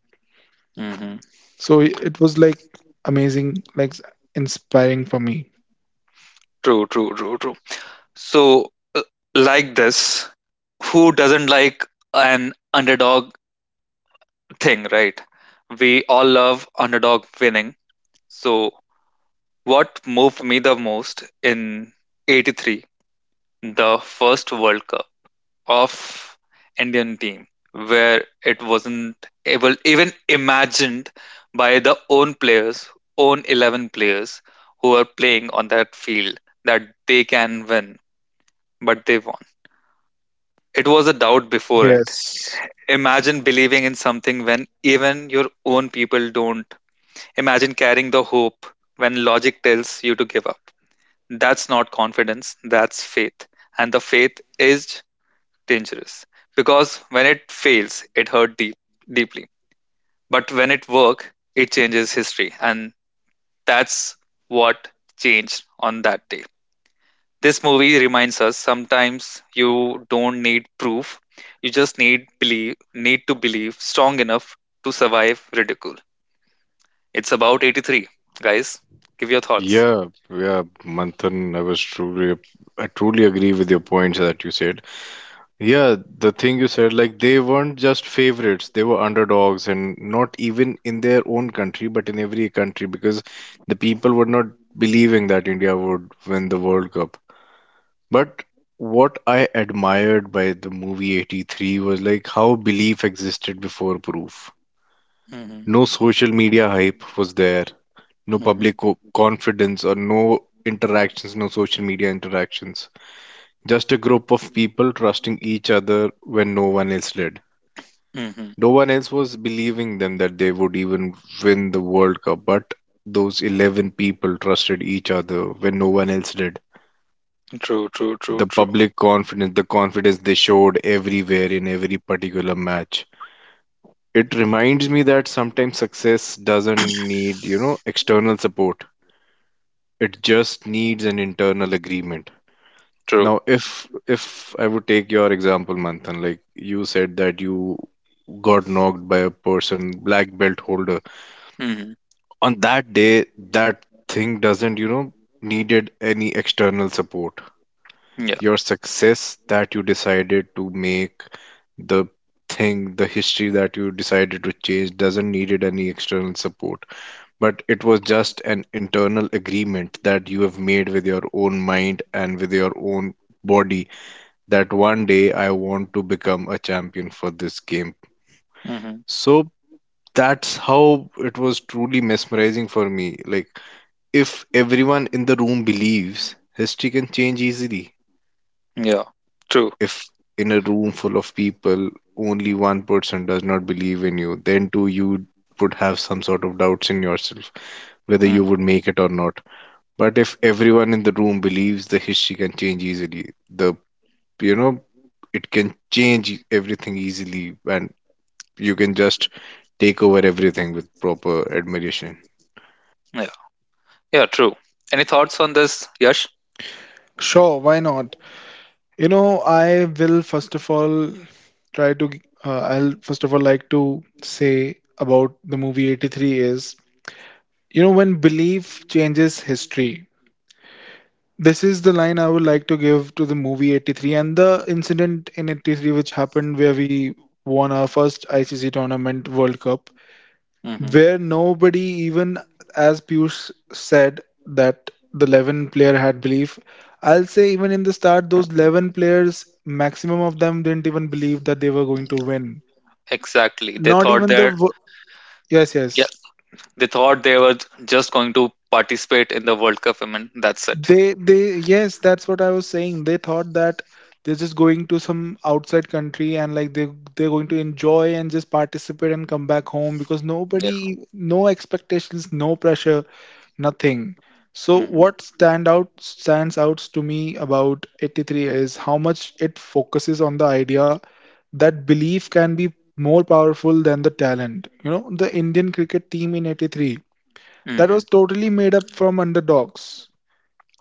[SPEAKER 1] Hmm.
[SPEAKER 2] So it was like amazing, like inspiring for me.
[SPEAKER 1] True. True. True. True. So, uh, like this, who doesn't like an underdog thing, right? We all love underdog winning. So, what moved me the most in eighty-three, the first World Cup of Indian team, where it wasn't able even imagined by the own players, own eleven players who are playing on that field that they can win, but they won. It was a doubt before it.
[SPEAKER 2] Yes.
[SPEAKER 1] Imagine believing in something when even your own people don't. Imagine carrying the hope when logic tells you to give up. That's not confidence, that's faith. And the faith is dangerous because when it fails, it hurt deep, deeply. But when it works, it changes history. And that's what changed on that day. This movie reminds us sometimes you don't need proof, you just need believe need to believe strong enough to survive ridicule. It's about eighty-three, guys. Give your thoughts.
[SPEAKER 3] Yeah, yeah, Manthan, I was truly, I truly agree with your points that you said. Yeah, the thing you said, like they weren't just favorites, they were underdogs, and not even in their own country, but in every country because the people were not believing that India would win the World Cup. But what I admired by the movie eighty-three was like how belief existed before proof. No social media hype was there, no
[SPEAKER 1] Mhm.
[SPEAKER 3] public co- confidence or no interactions, no social media interactions. Just a group of people trusting each other when no one else did.
[SPEAKER 1] Mhm.
[SPEAKER 3] No one else was believing them that they would even win the World Cup, but those eleven people trusted each other when no one else did.
[SPEAKER 1] True, true, true,
[SPEAKER 3] The
[SPEAKER 1] true,
[SPEAKER 3] public confidence, the confidence they showed everywhere in every particular match. It reminds me that sometimes success doesn't need, you know, external support. It just needs an internal agreement.
[SPEAKER 1] true.
[SPEAKER 3] Now, if if I would take your example, Manthan, like you said that you got knocked by a person, black belt holder.
[SPEAKER 1] Mhm.
[SPEAKER 3] On that day, that thing doesn't, you know, needed any external support.
[SPEAKER 1] Yeah.
[SPEAKER 3] Your success that you decided to make, the thing, the history that you decided to change doesn't needed any external support. But it was just an internal agreement that you have made with your own mind and with your own body that one day I want to become a champion for this game.
[SPEAKER 1] Mhm.
[SPEAKER 3] So that's how it was truly mesmerizing for me. Like, if everyone in the room believes, history can change easily.
[SPEAKER 1] Yeah. True.
[SPEAKER 3] If in a room full of people, only one person does not believe in you, then too you would have some sort of doubts in yourself whether you would
[SPEAKER 1] Mhm.
[SPEAKER 3] make it or not. But if everyone in the room believes, the history can change easily. The, you know, it can change everything easily and you can just take over everything with proper admiration.
[SPEAKER 1] Yeah. Yeah, true. Any thoughts on this, Yash?
[SPEAKER 2] Sure, why not? You know, I will first of all try to, uh, I'll first of all like to say about the movie eighty-three is, you know, when belief changes history. This is the line I would like to give to the movie eighty-three and the incident in eighty-three which happened where we won our first I C C tournament World Cup,
[SPEAKER 1] Mhm.
[SPEAKER 2] where nobody, even as Piyush said, that the eleven player had belief. I'll say even in the start, those eleven players, maximum of them didn't even believe that they were going to win.
[SPEAKER 1] Exactly. They
[SPEAKER 2] Not
[SPEAKER 1] thought
[SPEAKER 2] even the.
[SPEAKER 1] they're
[SPEAKER 2] Wo- Yes,
[SPEAKER 1] yeah,
[SPEAKER 2] yes.
[SPEAKER 1] they thought they were just going to participate in the World Cup women. That's it.
[SPEAKER 2] They, they, yes, that's what I was saying. They thought that they're just going to some outside country and like they they're going to enjoy and just participate and come back home because
[SPEAKER 1] Yeah.
[SPEAKER 2] nobody, no expectations, no pressure, nothing. So
[SPEAKER 1] Mm-hmm.
[SPEAKER 2] what stand out stands out to me about eighty-three is how much it focuses on the idea that belief can be more powerful than the talent. You know, the Indian cricket team in eighty-three that
[SPEAKER 1] Mm-hmm.
[SPEAKER 2] was totally made up from underdogs,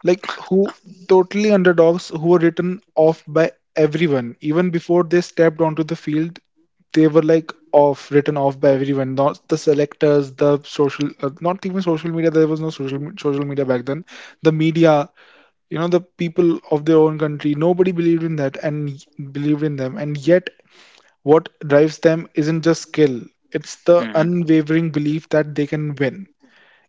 [SPEAKER 2] like who totally underdogs who were written off by everyone even before they stepped onto the field. They were like off written off by everyone, not the selectors, the social uh, not even social media, there was no social me- social media back then, the media, you know, the people of their own country, nobody believed in that and y- believed in them. And yet what drives them isn't just skill, it's the
[SPEAKER 1] Mm-hmm.
[SPEAKER 2] unwavering belief that they can win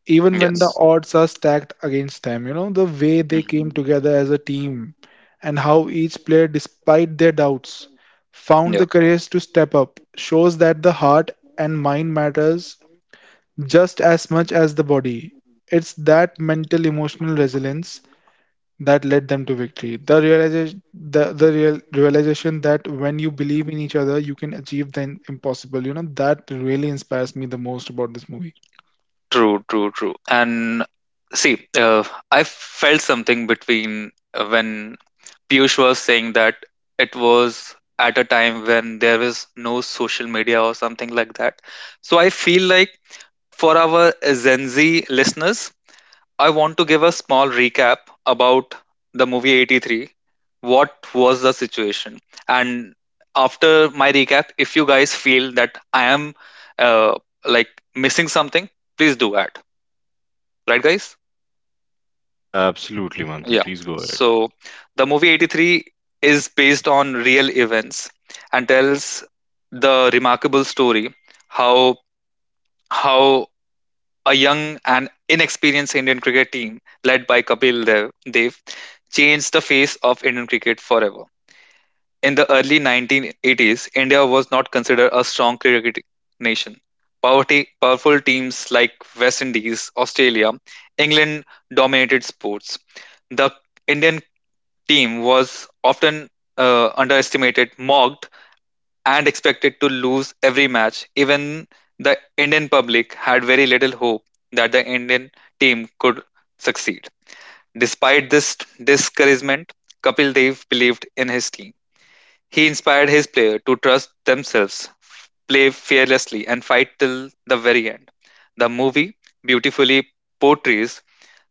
[SPEAKER 2] even when the
[SPEAKER 1] Yes.
[SPEAKER 2] odds are stacked against them. You know, the way they
[SPEAKER 1] Hmm.
[SPEAKER 2] came together as a team and how each player, despite their doubts, found
[SPEAKER 1] Yeah.
[SPEAKER 2] the courage to step up shows that the heart and mind matters just as much as the body. It's that mental emotional resilience that led them to victory. The realization, the, the real realization that when you believe in each other, you can achieve the impossible. You know, that really inspires me the most about this movie.
[SPEAKER 1] True, true, true. And see, uh, I felt something between uh, when Piyush was saying that it was at a time when there was no social media or something like that. So I feel like for our Gen Z listeners, I want to give a small recap about the movie eighty-three. What was the situation? And after my recap, if you guys feel that I am, uh, like, missing something, please do that. Right, guys?
[SPEAKER 3] Yeah, absolutely, Manthan.
[SPEAKER 1] Yeah.
[SPEAKER 3] Please go ahead.
[SPEAKER 1] So the movie eighty-three is based on real events and tells the remarkable story how how a young and inexperienced Indian cricket team led by Kapil Dev, Dev changed the face of Indian cricket forever. In the early nineteen eighties, India was not considered a strong cricket nation. Poverty, powerful teams like West Indies, Australia, England dominated sports. The Indian team was often uh, underestimated, mocked, and expected to lose every match. Even the Indian public had very little hope that the Indian team could succeed. Despite this discouragement, Kapil Dev believed in his team. He inspired his players to trust themselves, play fearlessly, and fight till the very end. The movie beautifully portrays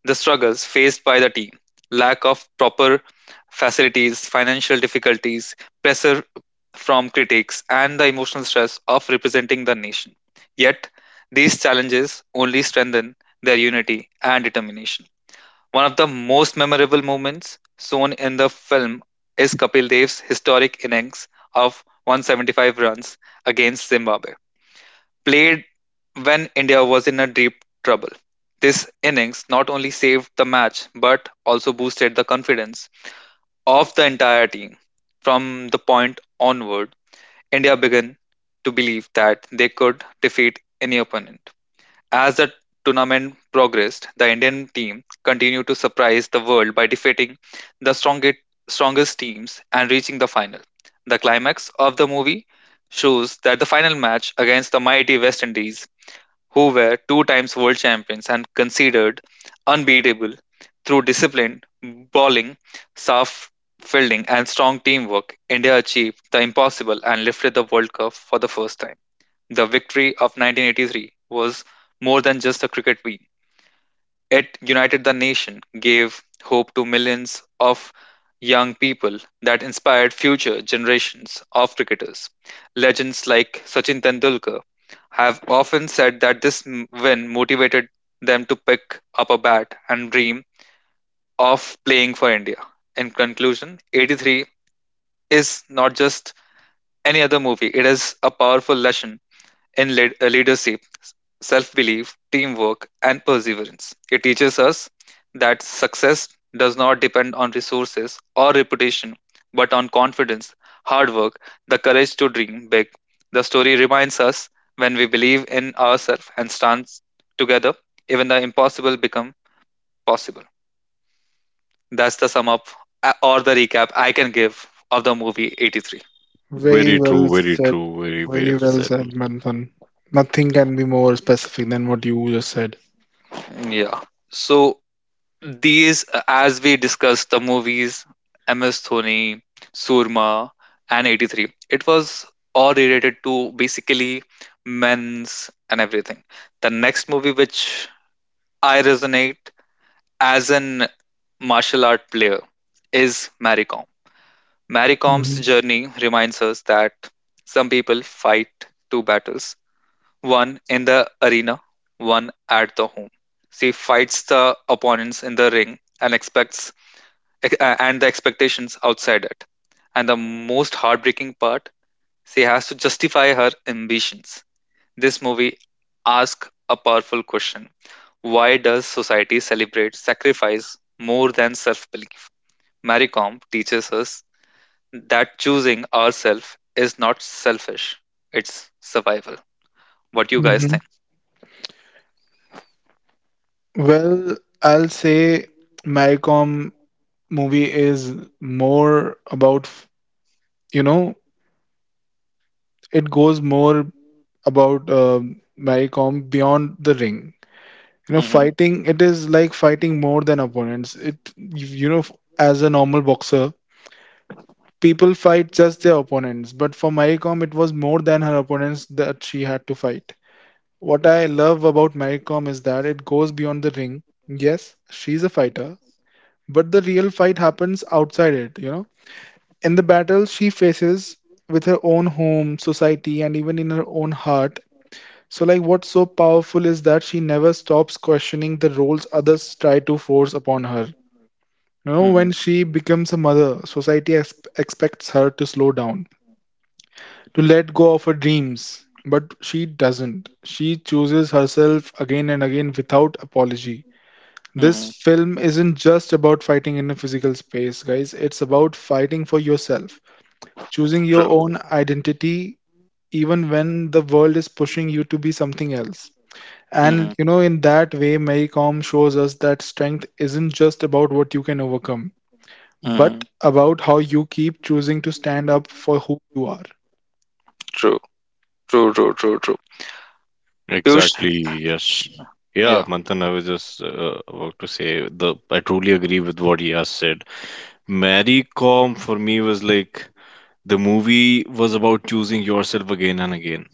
[SPEAKER 1] the struggles faced by the team: lack of proper facilities, financial difficulties, pressure from critics, and the emotional stress of representing the nation. Yet, these challenges only strengthen their unity and determination. One of the most memorable moments shown in the film is Kapil Dev's historic innings of one hundred seventy-five runs against Zimbabwe played when India was in a deep trouble. This innings not only saved the match but also boosted the confidence of the entire team. From the point onward, India began to believe that they could defeat any opponent. As the tournament progressed, the Indian team continued to surprise the world by defeating the strongest, strongest teams and reaching the final. The climax of the movie shows that the final match against the mighty West Indies, who were two times world champions and considered unbeatable, through disciplined bowling, soft fielding, and strong teamwork, India achieved the impossible and lifted the World Cup for the first time. The victory of nineteen eighty-three was more than just a cricket win. It united the nation, gave hope to millions of young people that inspired future generations of cricketers. Legends like Sachin Tendulkar have often said that this m- win motivated them to pick up a bat and dream of playing for India. In conclusion, eighty-three is not just any other movie, it is a powerful lesson in lead, uh, leadership, self belief, teamwork, and perseverance. It teaches us that success does not depend on resources or reputation, but on confidence, hard work, the courage to dream big. The story reminds us when we believe in ourselves and stand together, even the impossible become possible. That's the sum up uh, or the recap I can give of the movie eighty-three.
[SPEAKER 2] Very
[SPEAKER 3] Very
[SPEAKER 2] well
[SPEAKER 3] true, very
[SPEAKER 2] said.
[SPEAKER 3] true, very
[SPEAKER 2] Very
[SPEAKER 3] well
[SPEAKER 2] well
[SPEAKER 3] said.
[SPEAKER 2] said, Manthan. Nothing can be more specific than what you just said.
[SPEAKER 1] Yeah. So, these, uh, as we discussed, the movies M S Dhoni, Surma, and eighty-three, it was all related to basically men's and everything. The next movie which I resonate as an martial art player is Maricom. Maricom's journey reminds us that some people fight two battles: one in the arena, one at the home. She fights the opponents in the ring and expects ex- uh, and the expectations outside it. And the most heartbreaking part, she has to justify her ambitions. This movie asks a powerful question: why does society celebrate sacrifice more than self belief? Marie Kom teaches us that choosing ourselves is not selfish, it's survival. What do you guys
[SPEAKER 2] hmm
[SPEAKER 1] think?
[SPEAKER 2] Well, I'll say Maricom movie is more about, you know, it goes more about uh, Maricom beyond the ring. You know,
[SPEAKER 1] Hmm.
[SPEAKER 2] fighting, it is like fighting more than opponents. It, you know, as a normal boxer, people fight just their opponents. But for Maricom, it was more than her opponents that she had to fight. What I love about Maricom is that it goes beyond the ring. Yes, she's a fighter, but the real fight happens outside it, you know? In the battles she faces with her own home, society, and even in her own heart. So, like, what's so powerful is that she never stops questioning the roles others try to force upon her. You know,
[SPEAKER 1] Hmm.
[SPEAKER 2] when she becomes a mother, society ex- expects her to slow down, to let go of her dreams. But she doesn't. She chooses herself again and again without apology. This
[SPEAKER 1] Hmm.
[SPEAKER 2] film isn't just about fighting in a physical space, guys. It's about fighting for yourself, choosing your
[SPEAKER 1] True.
[SPEAKER 2] own identity even when the world is pushing you to be something else. And
[SPEAKER 1] Hmm.
[SPEAKER 2] you know, in that way, Maycom shows us that strength isn't just about what you can overcome, but
[SPEAKER 1] Hmm.
[SPEAKER 2] about how you keep choosing to stand up for who you are.
[SPEAKER 1] True. True. True. True. True. Piyush.
[SPEAKER 3] Exactly, yes. Yeah,
[SPEAKER 1] Yeah.
[SPEAKER 3] Manthan, I was just uh, about to say the I truly agree with what he has said. Mary Com for me was like the movie was about choosing yourself again and again.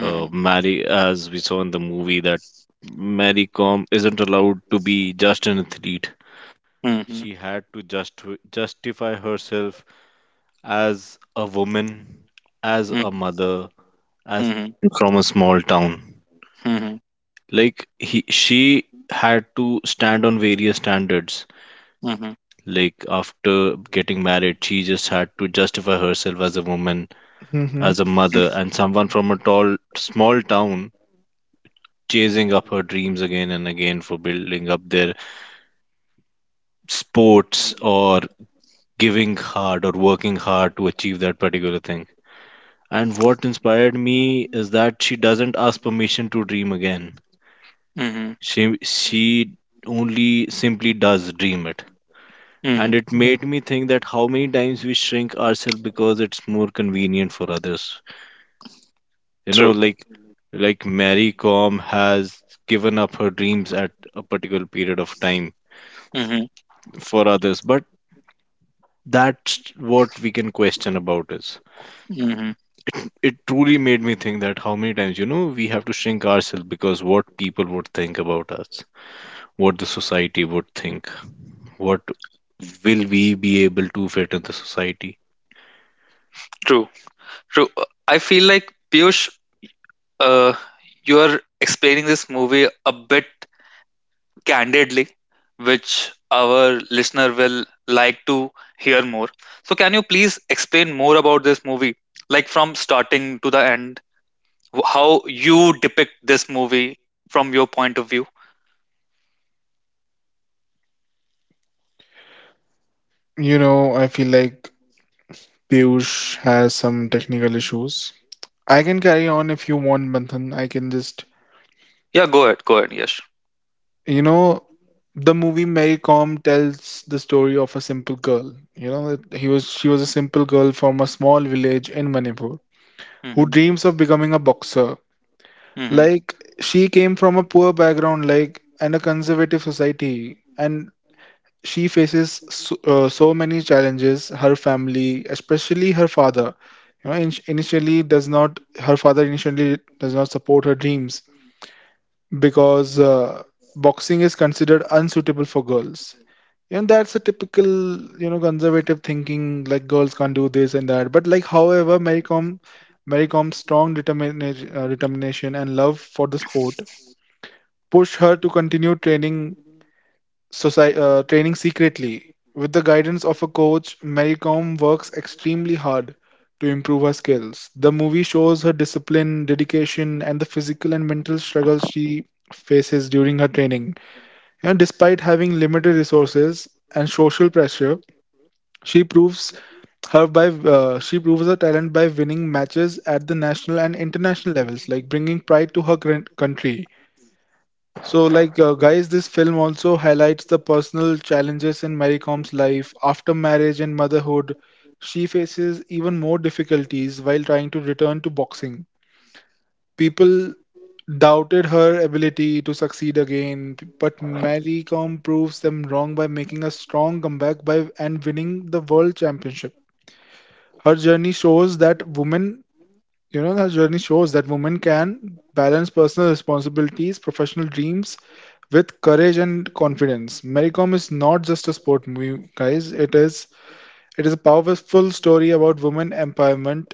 [SPEAKER 3] Uh, Mary, as we saw in the movie, that Mary Com isn't allowed to be just an athlete.
[SPEAKER 1] Hmm. Mhm, mhm,
[SPEAKER 3] Like he she had to stand on various standards.
[SPEAKER 1] mhm,
[SPEAKER 3] Like after getting married, she just had to justify herself as a woman,
[SPEAKER 2] hmm
[SPEAKER 3] as a mother,
[SPEAKER 1] mhm,
[SPEAKER 3] and someone from a tall small town, chasing up her dreams again and again for building up their sports or giving hard or working hard to achieve that particular thing. And what inspired me is that she doesn't ask permission to dream again.
[SPEAKER 1] mhm,
[SPEAKER 3] She she only simply does dream it. And
[SPEAKER 1] mhm.
[SPEAKER 3] it made me think that how many times we shrink ourselves because it's more convenient for others. You know,
[SPEAKER 1] True.
[SPEAKER 3] like like Mary Com has given up her dreams at a particular period of time
[SPEAKER 1] Mhm,
[SPEAKER 3] for others. But that's what we can question about. Is
[SPEAKER 1] mhm.
[SPEAKER 3] it, it truly made me think that how many times, you know, we have to shrink ourselves because what people would think about us, what the society would think, what will we be able to fit in the society?
[SPEAKER 1] True. True. Uh, I feel like Piyush, uh, you are explaining this movie a bit candidly, which our listener will like to hear more. So, can you please explain more about this movie, like from starting to the end, wh- how you depict this movie from your point of view?
[SPEAKER 2] You know, I feel like Piyush has some technical issues. I can carry on if you want, Manthan. I can just,
[SPEAKER 1] Yeah, go ahead. Go ahead. Yes.
[SPEAKER 2] you know, the movie Maycom tells the story of a simple girl. You know, that he was she was a simple girl from a small village in Manipur who dreams of becoming a boxer.
[SPEAKER 1] Hmm.
[SPEAKER 2] Like she came from a poor background, like and a conservative society, and she faces so, uh, so many challenges. Her family, especially her father, you know, in- initially does not. Her father initially does not support her dreams because uh, boxing is considered unsuitable for girls. You know, that's a typical, you know, conservative thinking, like girls can't do this and that. But like, however, Mary Com, Mary Com's strong determination, uh, determination and love for the sport push her to continue training soci- uh, training secretly. With the guidance of a coach, Maricom works extremely hard to improve her skills. The movie shows her discipline, dedication, and the physical and mental struggles she faces during her training. And despite having limited resources and social pressure, she proves her by uh, she proves her talent by winning matches at the national and international levels, like bringing pride to her current country. So, like, uh, guys, this film also highlights the personal challenges in Mary Com's life. After marriage and motherhood, she faces even more difficulties while trying to return to boxing. People doubted her ability to succeed again, but Mary Com proves them wrong by making a strong comeback by and winning the world championship. Her journey shows that women you know, that journey shows that women can balance personal responsibilities, professional dreams with courage and confidence. Maricom is not just a sport movie, guys. It is it is a powerful story about women empowerment,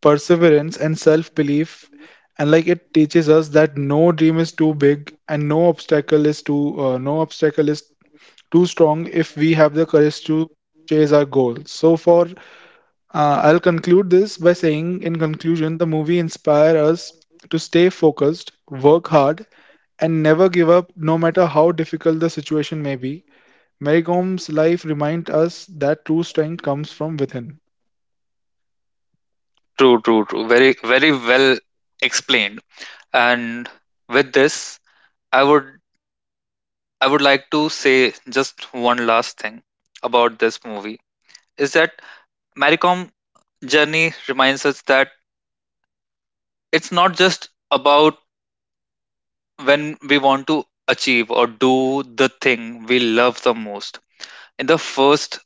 [SPEAKER 2] perseverance, and self-belief. And like it teaches us that no dream is too big and no obstacle is too uh, no obstacle is too strong if we have the courage to chase our goals. So for uh, I'll conclude this by saying, in conclusion, the movie inspires us to stay focused, work hard, and never give up, no matter how difficult the situation may be. Mary Com's life reminds us that true strength comes from within.
[SPEAKER 1] True, true, true. Very, very well explained. And with this, I would I would like to say just one last thing about this movie is that Maricom journey reminds us that it's not just about when we want to achieve or do the thing we love the most. In the first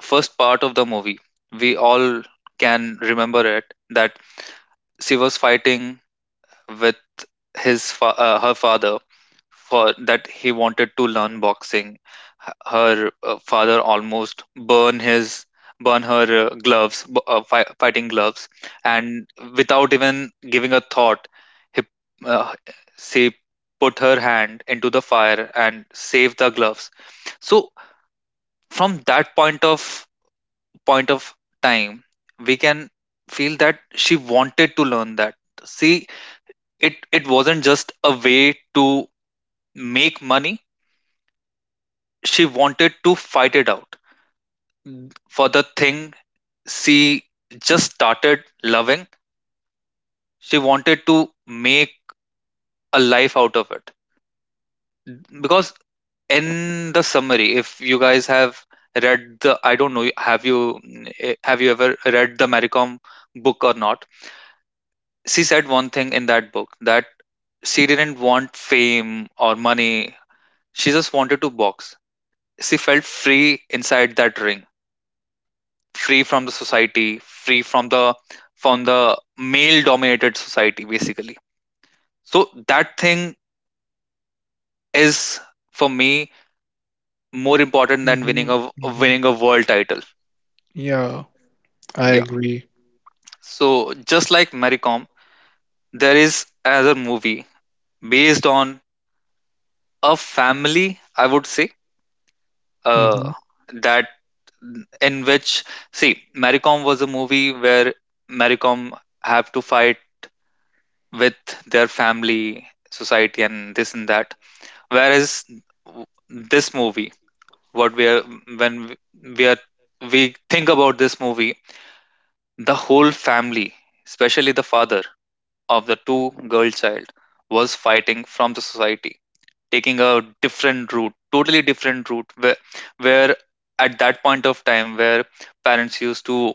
[SPEAKER 1] first part of the movie, we all can remember it that she was fighting with his fa- uh, her father for that he wanted to learn boxing. H- her uh, father almost burn his burn her uh, gloves, b- uh, fi- fighting gloves, and without even giving a thought, he uh, she put her hand into the fire and saved the gloves. So from that point of point of time, we can feel that she wanted to learn that. See, it it wasn't just a way to make money. She wanted to fight it out for the thing she just started loving. She wanted to make a life out of it. Because in the summary, if you guys have read the, I don't know, have you eh, have you ever read the Maricom book or not? She said one thing in that book that she didn't want fame or money. She just wanted to box. She felt free inside that ring. Free from the society, free from the from the male dominated society, basically. So that thing is for me more important than winning a winning a world title. Yeah. So just like Maricom, there is another movie based on a family, I would say, uh that in which, see, Maricom was a movie where Maricom have to fight with their family, society, and this and that, whereas this movie, what we are when we we are we think about this movie, the whole family, especially the father of the two girl child, was fighting from the society, taking a different route totally different route where, where at that point of time where parents used to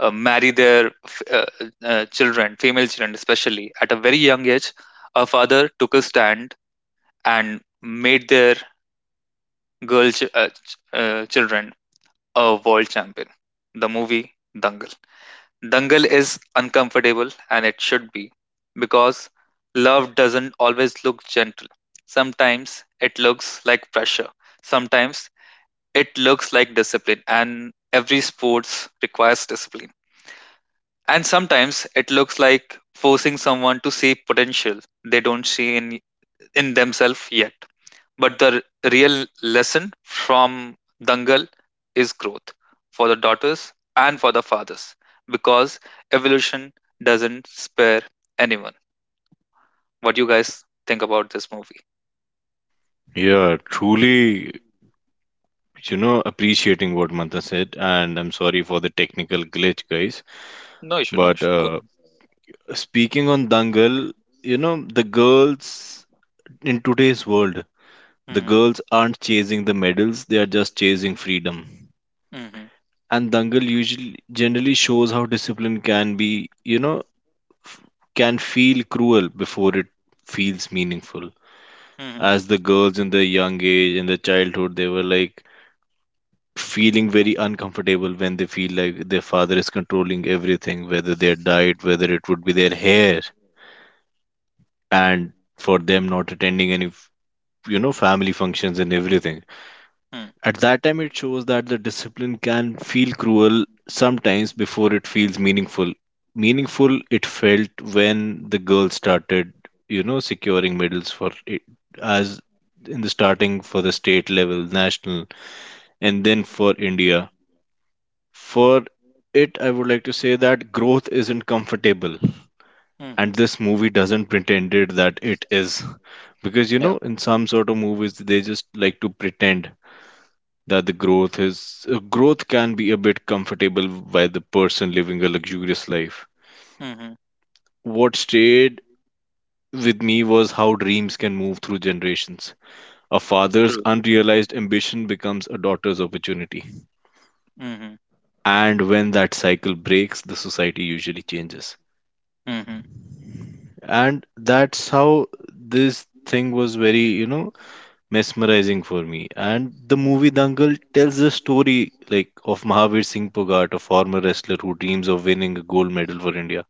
[SPEAKER 1] uh, marry their f- uh, uh, children, female children, especially at a very young age, a father took a stand and made their girl ch- uh, ch- uh, children a world champion. The movie Dangal. Dangal is uncomfortable and it should be, because love doesn't always look gentle. Sometimes it looks like pressure. Sometimes it looks like discipline, and every sports requires discipline. And sometimes it looks like forcing someone to see potential they don't see in in themselves yet. But the r- real lesson from Dangal is growth for the daughters and for the fathers, because evolution doesn't spare
[SPEAKER 2] Totally well
[SPEAKER 1] anyone.
[SPEAKER 2] said, uh, Manthan. Totally
[SPEAKER 1] What do you
[SPEAKER 2] well
[SPEAKER 1] guys
[SPEAKER 2] said.
[SPEAKER 1] think about
[SPEAKER 2] I
[SPEAKER 1] this
[SPEAKER 2] feel
[SPEAKER 1] movie?
[SPEAKER 2] like Dangal
[SPEAKER 3] Yeah,
[SPEAKER 2] is
[SPEAKER 3] truly,
[SPEAKER 2] the epical.
[SPEAKER 3] you know, appreciating what mantha said, and I'm sorry for the technical glitch, guys,
[SPEAKER 1] No issue, no
[SPEAKER 3] but
[SPEAKER 1] issue. Go.
[SPEAKER 3] uh, speaking on Dangal, you know, the girls in today's world, the
[SPEAKER 1] Mm-hmm,
[SPEAKER 3] girls aren't chasing the medals, they are just chasing freedom.
[SPEAKER 1] mm-hmm,
[SPEAKER 3] And Dangal usually generally shows how discipline can be, you know, can feel cruel before it feels meaningful.
[SPEAKER 1] mm-hmm,
[SPEAKER 3] As the girls in their young age, in their childhood, they were like feeling very uncomfortable when they feel like their father is controlling everything, whether their diet, whether it would be their hair, and for them not attending any, f- you know, family functions and everything.
[SPEAKER 1] mm-hmm,
[SPEAKER 3] At that time, it shows that the discipline can feel cruel sometimes before it feels meaningful. Meaningful it felt when the girl started, you know, securing medals for it, as in the starting for the state level, national, and then for India. For it, I would like to say that growth isn't comfortable,
[SPEAKER 1] mm-hmm.
[SPEAKER 3] and this movie doesn't pretend it that it is. Because, you
[SPEAKER 1] Yeah.
[SPEAKER 3] know, in some sort of movies, they just like to pretend that the growth is uh, growth can be a bit comfortable by the person living a luxurious life.
[SPEAKER 1] Mm-hmm.
[SPEAKER 3] What stayed with me was how dreams can move through generations. A father's
[SPEAKER 1] True.
[SPEAKER 3] unrealized ambition becomes a daughter's opportunity.
[SPEAKER 1] Mm-hmm,
[SPEAKER 3] And when that cycle breaks, the society usually changes.
[SPEAKER 1] mm-hmm,
[SPEAKER 3] And that's how this thing was very, you know, mesmerizing for me. And the movie Dangal tells the story like of Mahavir Singh Pogat, a former wrestler who dreams of winning a gold medal for India.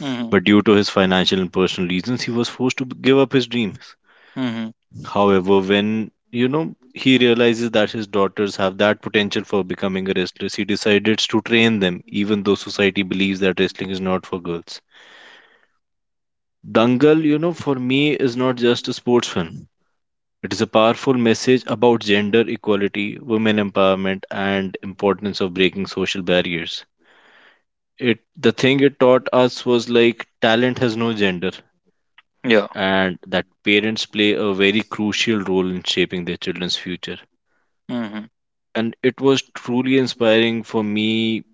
[SPEAKER 1] mm-hmm,
[SPEAKER 3] But due to his financial and personal reasons, he was forced to give up his dreams.
[SPEAKER 1] mm-hmm.
[SPEAKER 3] However, when, you know, he realizes that his daughters have that potential for becoming a wrestler, he decides to train them, even though society believes that wrestling is not for girls. Dangal, you know, for me is not just a sports film. It is a powerful message about gender equality, women empowerment, and importance of breaking social barriers. It, the thing it taught us was like talent has no gender,
[SPEAKER 1] Yeah.
[SPEAKER 3] and that parents play a very crucial role in shaping their children's future.
[SPEAKER 1] Mm-hmm,
[SPEAKER 3] And it was truly inspiring for me.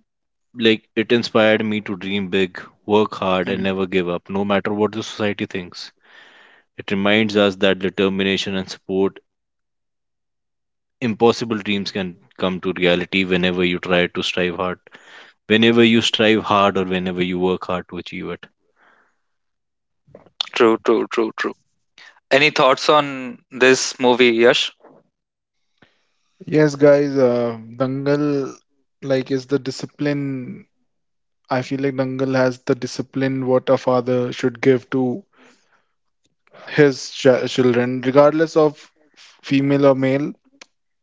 [SPEAKER 3] Like, it inspired me to dream big, work hard, and
[SPEAKER 1] mm-hmm.
[SPEAKER 3] never give up, no matter what the society thinks. It reminds us that determination and support, impossible dreams can come to reality whenever you try to strive hard, whenever you strive hard or whenever you work hard to achieve it.
[SPEAKER 1] True, true, true, true. Any thoughts on this movie, Yash?
[SPEAKER 2] Yes, guys, uh, Dangal like is the discipline. I feel like Dangal has the discipline what a father should give to his ch- children, regardless of female or male.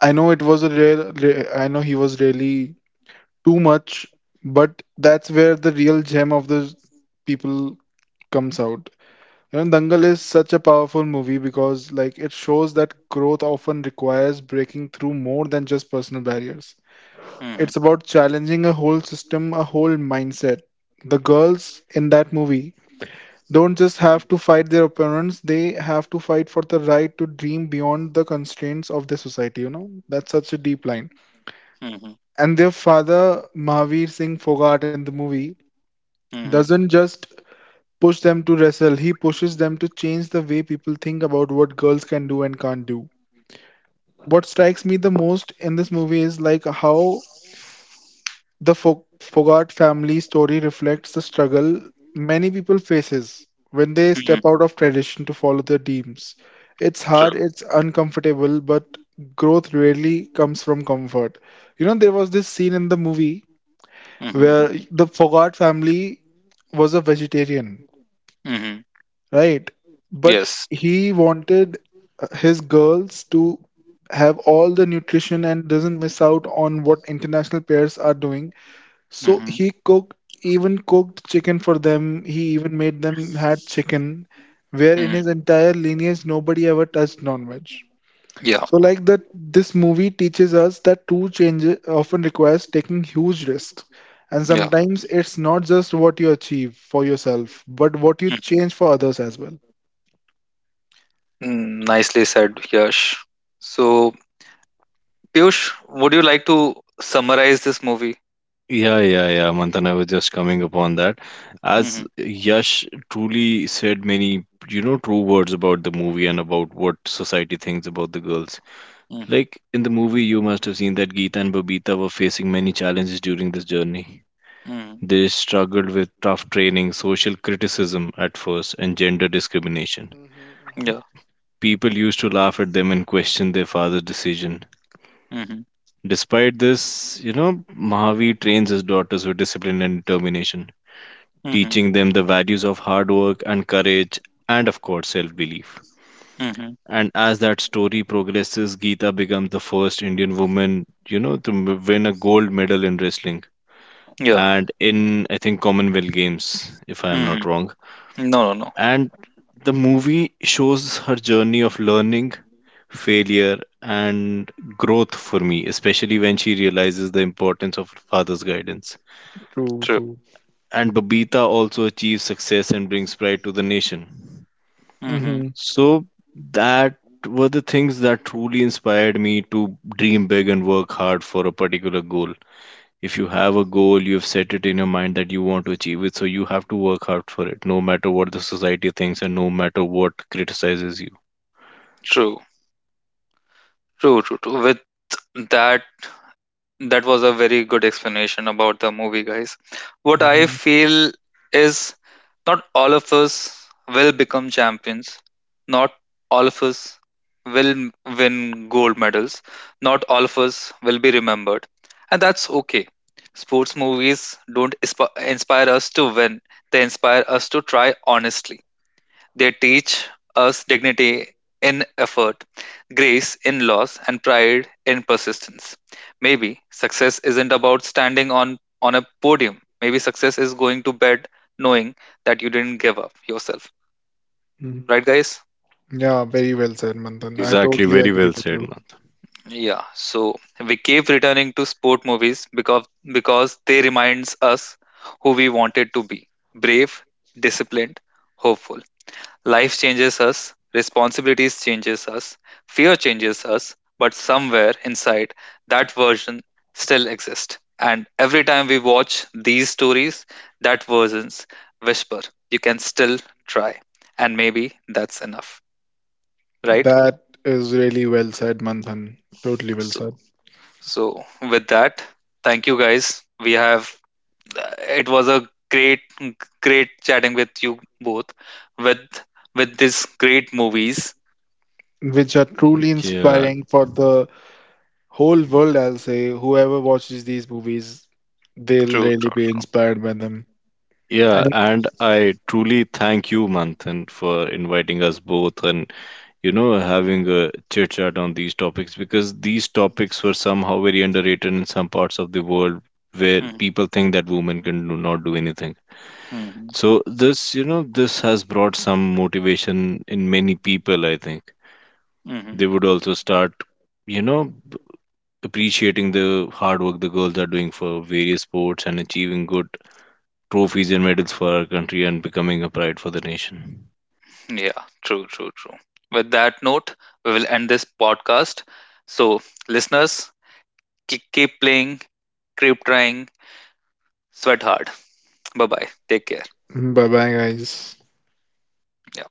[SPEAKER 2] I know it was a real, re- I know he was really too much, but that's where the real gem of the people comes out. You know, Dangal is such a powerful movie because like it shows that growth often requires breaking through more than just personal barriers.
[SPEAKER 1] Mm-hmm,
[SPEAKER 2] It's about challenging a whole system, a whole mindset. The girls in that movie don't just have to fight their opponents, they have to fight for the right to dream beyond the constraints of the society. You know, that's such a deep line.
[SPEAKER 1] mm-hmm,
[SPEAKER 2] And their father, Mahavir Singh Fogart, in the movie
[SPEAKER 1] mm-hmm.
[SPEAKER 2] doesn't just push them to wrestle, he pushes them to change the way people think about what girls can do and can't do. What strikes me the most in this movie is like how the Fo- Fogart family story reflects the struggle many people faces when they
[SPEAKER 1] Hmm.
[SPEAKER 2] step out of tradition to follow their dreams. It's
[SPEAKER 1] True.
[SPEAKER 2] hard, it's uncomfortable, but growth rarely comes from comfort. You know, there was this scene in the movie
[SPEAKER 1] Hmm.
[SPEAKER 2] where the Fogart family was a vegetarian,
[SPEAKER 1] Hmm.
[SPEAKER 2] right? But
[SPEAKER 1] Yes.
[SPEAKER 2] he wanted his girls to have all the nutrition and doesn't miss out on what international pairs are doing, so
[SPEAKER 1] Hmm.
[SPEAKER 2] he cooked, even cooked chicken for them. He even made them had chicken, where in
[SPEAKER 1] Hmm.
[SPEAKER 2] his entire lineage nobody ever touched non-veg.
[SPEAKER 1] Yeah.
[SPEAKER 2] So like that, this movie teaches us that true change often requires taking huge risks, and
[SPEAKER 1] Yeah.
[SPEAKER 2] sometimes it's not just what you achieve for yourself, but what you
[SPEAKER 1] Mhm.
[SPEAKER 2] change for others as well.
[SPEAKER 1] Mm, nicely said, Yash. So, Piyush, would you like to summarize this movie?
[SPEAKER 3] Yeah yeah yeah Manthan, I was just coming upon that. As
[SPEAKER 1] Hmm.
[SPEAKER 3] Yash truly said many, you know, true words about the movie and about what society thinks about the girls,
[SPEAKER 1] Hmm.
[SPEAKER 3] like in the movie you must have seen that Geeta and Babita were facing many challenges during this journey.
[SPEAKER 1] Hmm.
[SPEAKER 3] They struggled with tough training, social criticism at first, and gender discrimination.
[SPEAKER 1] Yeah.
[SPEAKER 3] People used to laugh at them and question their father's decision.
[SPEAKER 1] Hmm.
[SPEAKER 3] Despite this, you know, Mahavi trains his daughters with discipline and determination,
[SPEAKER 1] Hmm.
[SPEAKER 3] teaching them the values of hard work and courage and, of course, self belief.
[SPEAKER 1] Hmm.
[SPEAKER 3] And as that story progresses, Geeta becomes the first Indian woman, you know, to m- win a gold medal in wrestling
[SPEAKER 1] Yeah.
[SPEAKER 3] and in, I think, Commonwealth Games, if I am
[SPEAKER 1] Hmm.
[SPEAKER 3] not wrong.
[SPEAKER 1] No, no, no.
[SPEAKER 3] And the movie shows her journey of learning, failure, and growth for me, especially when she realizes the importance of her father's guidance.
[SPEAKER 2] True,
[SPEAKER 1] True.
[SPEAKER 2] true.
[SPEAKER 3] And Babita also achieves success and brings pride to the nation.
[SPEAKER 1] Hmm.
[SPEAKER 2] hmm
[SPEAKER 3] So, that were the things that truly inspired me to dream big and work hard for a particular goal. If you have a goal, you've set it in your mind that you want to achieve it, so you have to work hard for it, no matter what the society thinks and no matter what criticizes you.
[SPEAKER 1] True. True. True. True. With that, that was a very good explanation about the movie, guys. What I
[SPEAKER 2] hmm
[SPEAKER 1] feel is not all of us will become champions, not all of us will m- win gold medals, not all of us will be remembered, and that's okay. Sports movies don't isp- inspire us to win, they inspire us to try honestly. They teach us dignity in effort, grace in loss, and pride in persistence. Maybe success isn't about standing on, on a podium. Maybe success is going to bed knowing that you didn't give up yourself.
[SPEAKER 2] hmm
[SPEAKER 1] Right, guys?
[SPEAKER 2] Yeah, very well said, Manthan. I
[SPEAKER 3] Exactly,
[SPEAKER 2] totally
[SPEAKER 3] very
[SPEAKER 2] agree
[SPEAKER 3] well
[SPEAKER 2] with
[SPEAKER 3] said,
[SPEAKER 2] you.
[SPEAKER 3] man.
[SPEAKER 1] Yeah, so we keep returning to sport movies because because they reminds us who we wanted to be: brave, disciplined, hopeful. Life changes us, responsibilities changes us, fear changes us, but somewhere inside that version still exists. And every time we watch these stories, that versions whisper, you can still try. And maybe that's enough, right?
[SPEAKER 2] That is really well said, Manthan. Totally well
[SPEAKER 1] So,
[SPEAKER 2] said.
[SPEAKER 1] so with that, thank you guys. We have, it was a great, great chatting with you both with, with these great movies.
[SPEAKER 2] Which are truly
[SPEAKER 3] Yeah,
[SPEAKER 2] inspiring for the whole world, I'll say. Whoever watches these movies, they'll
[SPEAKER 1] True,
[SPEAKER 2] really
[SPEAKER 1] true.
[SPEAKER 2] be inspired by them.
[SPEAKER 3] Yeah, and I truly thank you, Manthan, for inviting us both and, you know, having a chit chat on these topics because these topics were somehow very underrated in some parts of the world where
[SPEAKER 1] Mhm,
[SPEAKER 3] people think that women can do not do anything.
[SPEAKER 1] mhm.
[SPEAKER 3] So this, you know, this has brought some motivation in many people, I think.
[SPEAKER 1] Hmm.
[SPEAKER 3] They would also start, you know, b- appreciating the hard work the girls are doing for various sports and achieving good trophies and medals for our country and becoming a pride for the nation.
[SPEAKER 1] Yeah, true, true, true. With that note, we will end this podcast. So, listeners, keep, keep playing, keep trying, sweat hard. Bye bye. Take care.
[SPEAKER 2] Bye bye, guys.
[SPEAKER 1] Yeah.